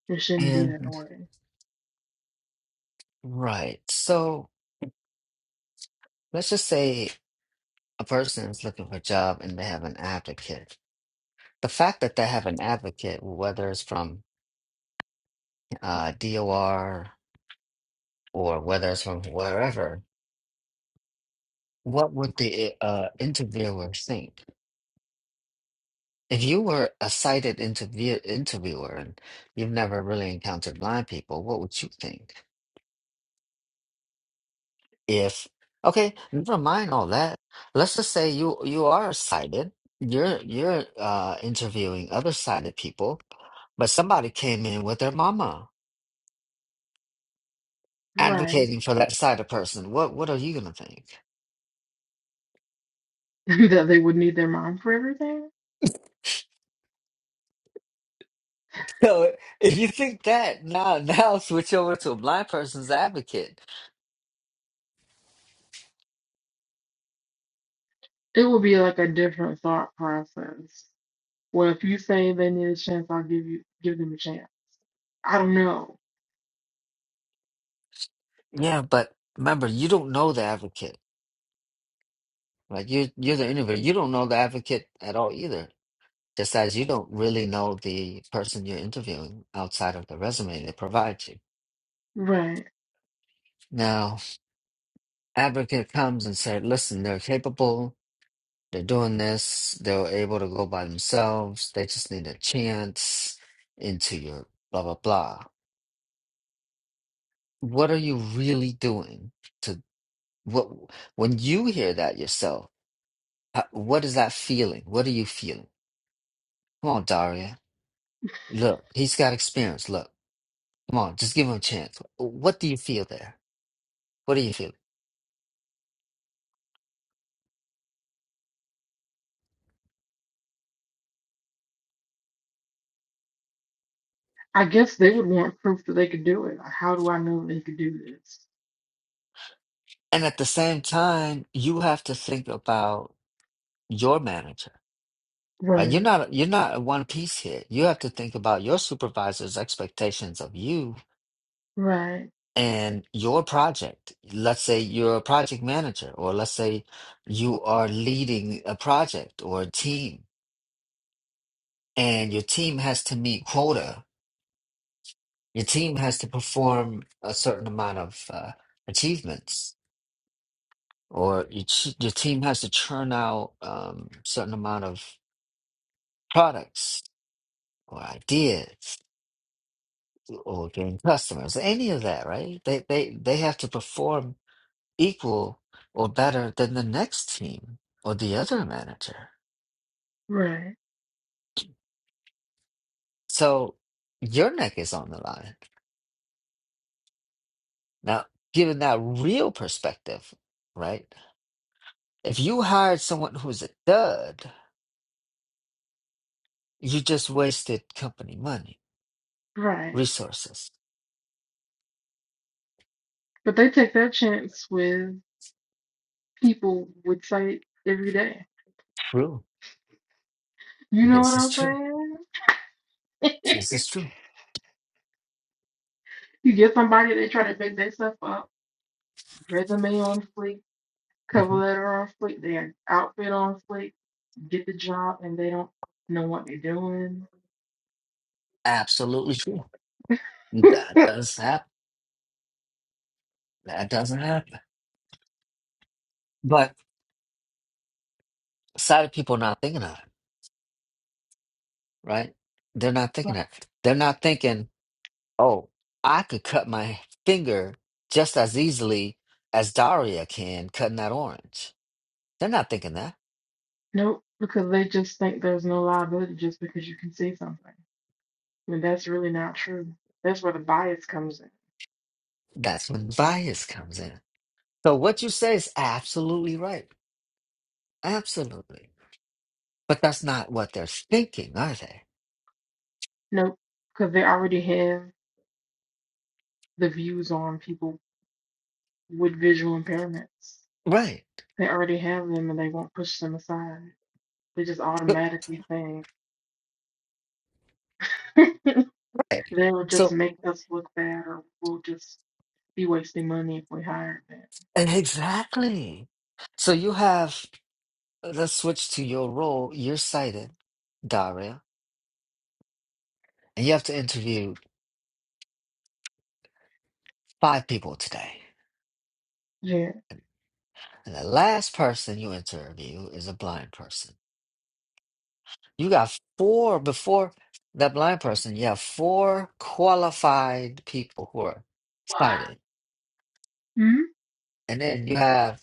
Speaker 8: It shouldn't be that
Speaker 7: And
Speaker 8: way.
Speaker 7: right. So let's just say a person is looking for a job and they have an advocate. The fact that they have an advocate, whether it's from uh, DOR or whether it's from wherever, what would the uh, interviewer think? If you were a sighted interview interviewer and you've never really encountered blind people, what would you think? if okay never mind all that let's just say you you are sighted you're you're uh interviewing other sighted people but somebody came in with their mama
Speaker 8: Right.
Speaker 7: advocating for that sighted person what what are you gonna think
Speaker 8: that they would need their mom for everything.
Speaker 7: so if you think that now now switch over to a blind person's advocate
Speaker 8: It would be like a different thought process. Well, if you say they need a chance, I'll give you give them a chance. I don't know.
Speaker 7: yeah but remember you don't know the advocate like you you're the interviewer you don't know the advocate at all either Just as you don't really know the person you're interviewing outside of the resume they provide you.
Speaker 8: Right.
Speaker 7: Now, advocate comes and said, listen, they're capable, they're doing this, they're able to go by themselves, they just need a chance into your blah, blah, blah. What are you really doing to what when you hear that yourself? uh, What is that feeling? What are you feeling? Come on, Daria. Look, he's got experience. Look, come on, just give him a chance. What do you feel there? What do you feel?
Speaker 8: I guess they would want proof that they could do it. Like, how do I know they could do this?
Speaker 7: And at the same time, you have to think about your manager, right? You're
Speaker 8: Right.
Speaker 7: not you're not one piece here. You have to think about your supervisor's expectations of you
Speaker 8: Right.
Speaker 7: and your project. Let's say you're a project manager, or let's say you are leading a project or a team, and your team has to meet quota. Your team has to perform a certain amount of uh, achievements, or your, ch- your team has to churn out um, certain amount of products or ideas or getting customers, any of that, right? They they they have to perform equal or better than the next team or the other manager.
Speaker 8: Right.
Speaker 7: So your neck is on the line. Now, given that real perspective, right? If you hired someone who's a dud, you just wasted company money,
Speaker 8: Right.
Speaker 7: resources.
Speaker 8: But they take that chance with people with sight every day.
Speaker 7: True.
Speaker 8: You know what
Speaker 7: This is
Speaker 8: I'm
Speaker 7: true.
Speaker 8: saying?
Speaker 7: This is true.
Speaker 8: you get somebody, they try to make their stuff up, resume on fleek, cover
Speaker 7: Mhm.
Speaker 8: letter on fleek, their outfit on fleek, get the job, and they don't know what they're doing.
Speaker 7: Absolutely true. That does happen. That doesn't happen. But sighted people not thinking of it, right? They're not thinking that. They're not thinking, oh, I could cut my finger just as easily as Daria can cutting that orange. They're not thinking that.
Speaker 8: nope, because they just think there's no liability just because you can say something. When that's really not true. That's where the bias comes in.
Speaker 7: That's when bias comes in. So what you say is absolutely right. Absolutely. But that's not what they're thinking, are they?
Speaker 8: Nope, because they already have the views on people with visual impairments.
Speaker 7: Right.
Speaker 8: They already have them and they won't push them aside. They just
Speaker 7: So-
Speaker 8: automatically think
Speaker 7: Right.
Speaker 8: they'll just
Speaker 7: So
Speaker 8: make us look bad or we'll just be wasting money if we hire them.
Speaker 7: exactly. So you have uh, let's switch to your role. You're cited, Daria, and you have to interview five people today.
Speaker 8: Yeah.
Speaker 7: And the last person you interview is a blind person. You got four before that blind person, you have four qualified people who are
Speaker 8: Why?
Speaker 7: sighted.
Speaker 8: Hmm?
Speaker 7: And then you have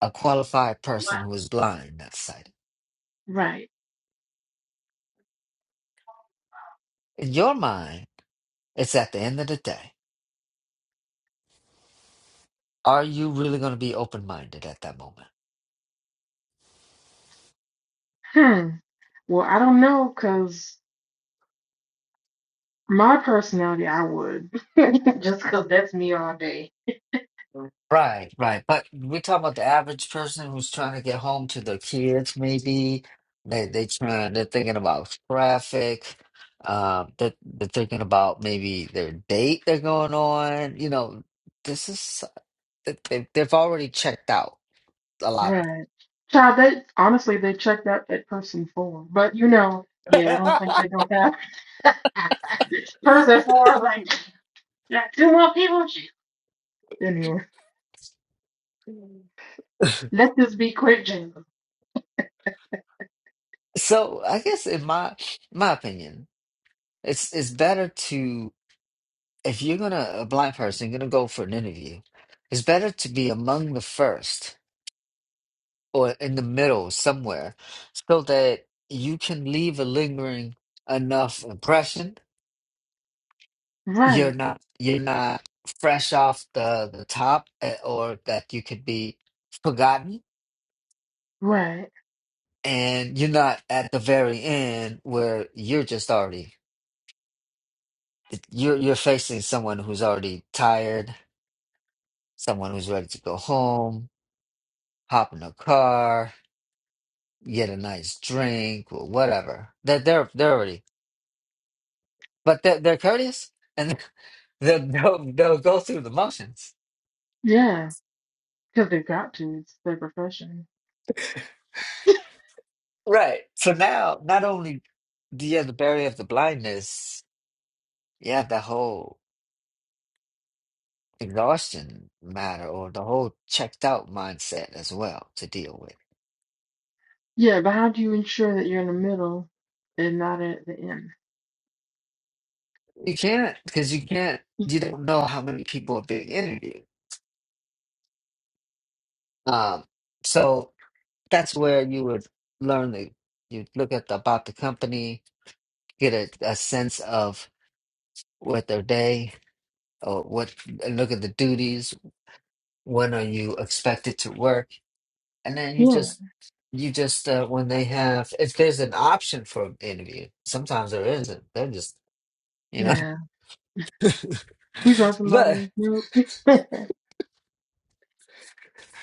Speaker 7: a qualified
Speaker 8: What?
Speaker 7: person who is blind, not sighted.
Speaker 8: Right.
Speaker 7: In your mind, it's at the end of the day. Are you really going to be open minded at that moment?
Speaker 8: Hmm. Well, I don't know because my personality, I would. Just because that's me all day.
Speaker 7: Right, right. But we're talking about the average person who's trying to get home to their kids, maybe. They they trying they're thinking about traffic. Um, that they're, they're thinking about maybe their date they're going on. You know, this is they they- they've already checked out a lot.
Speaker 8: Right. Child, they honestly, they checked out that person for. But, you know, yeah, I don't think they don't have. person for, like, got two more people. Anyway, let this be quick, Jingle.
Speaker 7: So I guess in my my opinion, it's it's better to if you're gonna a blind person, you're gonna go for an interview, it's better to be among the first or in the middle somewhere so that you can leave a lingering enough impression you're
Speaker 8: Right,
Speaker 7: not you're not fresh off the the top eh, or that you could be forgotten
Speaker 8: right.
Speaker 7: and you're not at the very end where you're just already you're you're facing someone who's already tired someone who's ready to go home hop in a car get a nice drink or whatever that they're they're already but they're, they're courteous and they'll, they'll, they'll go through the motions.
Speaker 8: Yeah, because they've got to. It's their profession.
Speaker 7: Right. So now, not only do you have the barrier of the blindness, you have the whole exhaustion matter or the whole checked out mindset as well to deal with.
Speaker 8: Yeah, but how do you ensure that you're in the middle and not at the end?
Speaker 7: You can't, because you can't, you don't know how many people are being interviewed. Um, so that's where you would learn the, you look at the, about the company, get a, a sense of what their day. Oh, what? Look at the duties. When are you expected to work? And then you
Speaker 8: Yeah,
Speaker 7: just, you just uh, when they have, if there's an option for an interview, sometimes there isn't. They're just, you know,
Speaker 8: yeah. We found
Speaker 7: but
Speaker 8: somebody. Nope. I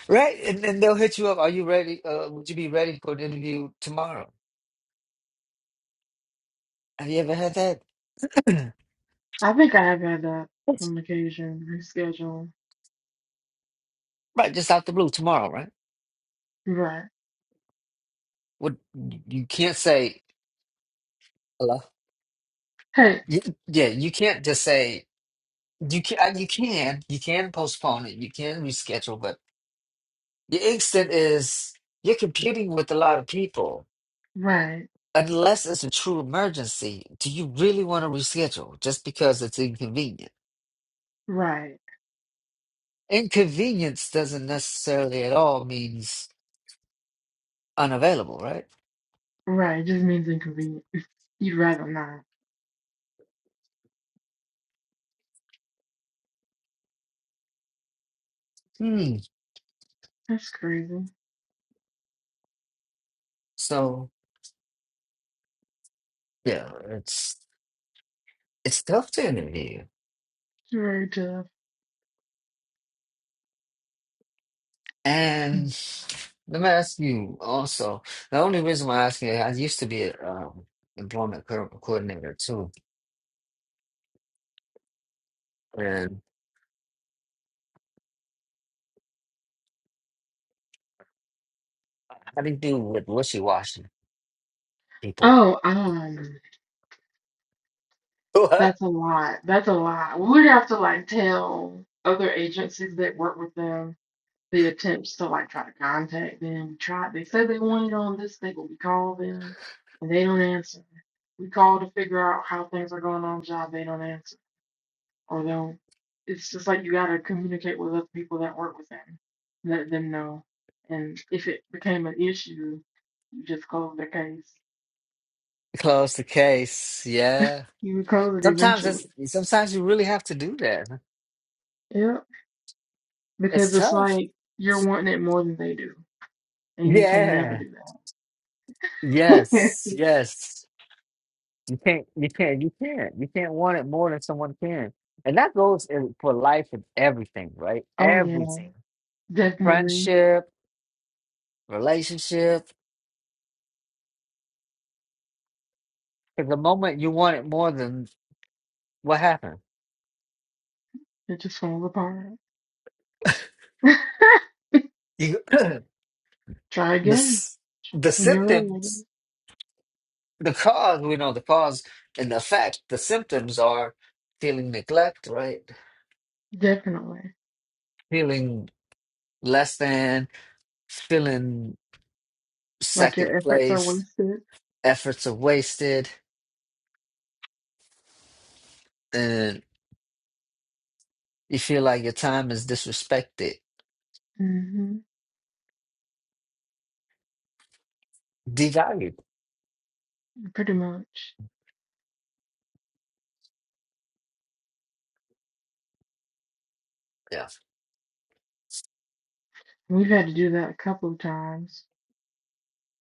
Speaker 7: right, and then they'll hit you up. Are you ready? Uh, would you be ready for an interview tomorrow? Have you ever had that?
Speaker 8: think I have had that
Speaker 7: Yes.
Speaker 8: on occasion. Reschedule.
Speaker 7: right, just out the blue tomorrow, right?
Speaker 8: Right.
Speaker 7: What you you can't say hello.
Speaker 8: Hey,
Speaker 7: Y- Yeah, you can't just say you can. You can. You can postpone it. You can reschedule, but Your instinct is you're competing with a lot of people.
Speaker 8: right,
Speaker 7: Unless it's a true emergency, do you really want to reschedule just because it's inconvenient?
Speaker 8: right,
Speaker 7: Inconvenience doesn't necessarily at all means unavailable, right?
Speaker 8: right. It just means inconvenient. You'd rather not.
Speaker 7: Hmm.
Speaker 8: That's crazy.
Speaker 7: So yeah, it's it's tough to interview.
Speaker 8: It's very tough.
Speaker 7: And let me ask you also. The only reason why I'm asking, you, I used to be an um, employment co- coordinator too, and how do you do with wishy-washy people?
Speaker 8: Oh, um. That's a lot. That's a lot. We would have to like tell other agencies that work with them the attempts to like try to contact them. We tried. They said they wanted on this thing, but we call them and they don't answer. We call to figure out how things are going on job. They don't answer or they'll. It's just like you gotta communicate with other people that work with them, let them know. And if it became an issue, you just close the case.
Speaker 7: Close the case. Yeah.
Speaker 8: You would close it
Speaker 7: Sometimes
Speaker 8: eventually.
Speaker 7: it's sometimes you really have to do that.
Speaker 8: Yep.
Speaker 7: It's
Speaker 8: Because it's
Speaker 7: tough.
Speaker 8: like you're wanting it more than they do. and you can never
Speaker 7: Yeah.
Speaker 8: do that.
Speaker 7: Yes. Yes. You can't you can't you can't. You can't want it more than someone can. And that goes in, for life and everything, right?
Speaker 8: oh yeah,
Speaker 7: Everything.
Speaker 8: definitely.
Speaker 7: Friendship, relationship. 'Cause the moment you want it more than what happened?
Speaker 8: It just falls apart.
Speaker 7: You the
Speaker 8: Try again
Speaker 7: s- the
Speaker 8: when you're ready
Speaker 7: symptoms.
Speaker 8: again.
Speaker 7: The cause, we know the cause and the effect, the symptoms are feeling neglect, right?
Speaker 8: Definitely.
Speaker 7: Feeling less than, feeling
Speaker 8: Like your
Speaker 7: second
Speaker 8: efforts are
Speaker 7: place,
Speaker 8: wasted.
Speaker 7: efforts are wasted, and you feel like your time is disrespected,
Speaker 8: hmm
Speaker 7: devalued.
Speaker 8: Pretty much.
Speaker 7: Yeah.
Speaker 8: We've had to do that a couple of times.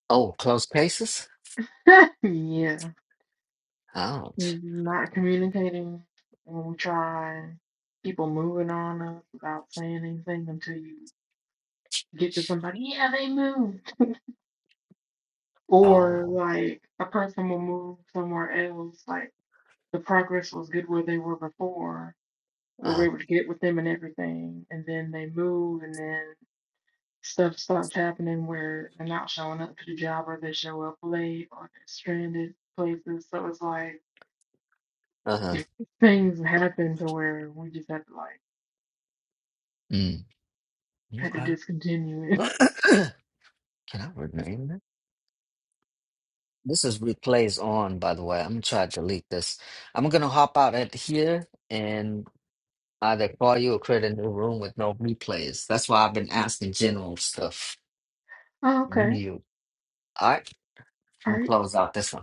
Speaker 7: Oh, close cases?
Speaker 8: yeah.
Speaker 7: Ouch.
Speaker 8: Not communicating when we try. People moving on us without saying anything until you get to somebody, yeah, they moved. Or
Speaker 7: Oh,
Speaker 8: like a person will move somewhere else, like the progress was good where they were before. We were
Speaker 7: uh,
Speaker 8: able to get with them and everything, and then they move, and then stuff starts happening where they're not showing up to the job, or they show up late, or they're stranded places. So it's like
Speaker 7: uh-huh.
Speaker 8: things happen to where we just have to like
Speaker 7: Mm.
Speaker 8: had to
Speaker 7: Okay.
Speaker 8: discontinue it.
Speaker 7: Can I rename that? This is replays on, by the way. I'm gonna try to delete this. I'm gonna hop out at here and. Uh, they call you or create a new room with no replays. That's why I've been asking general stuff.
Speaker 8: Oh,
Speaker 7: When
Speaker 8: okay,
Speaker 7: you, all right,
Speaker 8: all
Speaker 7: we'll
Speaker 8: right.
Speaker 7: close out this one.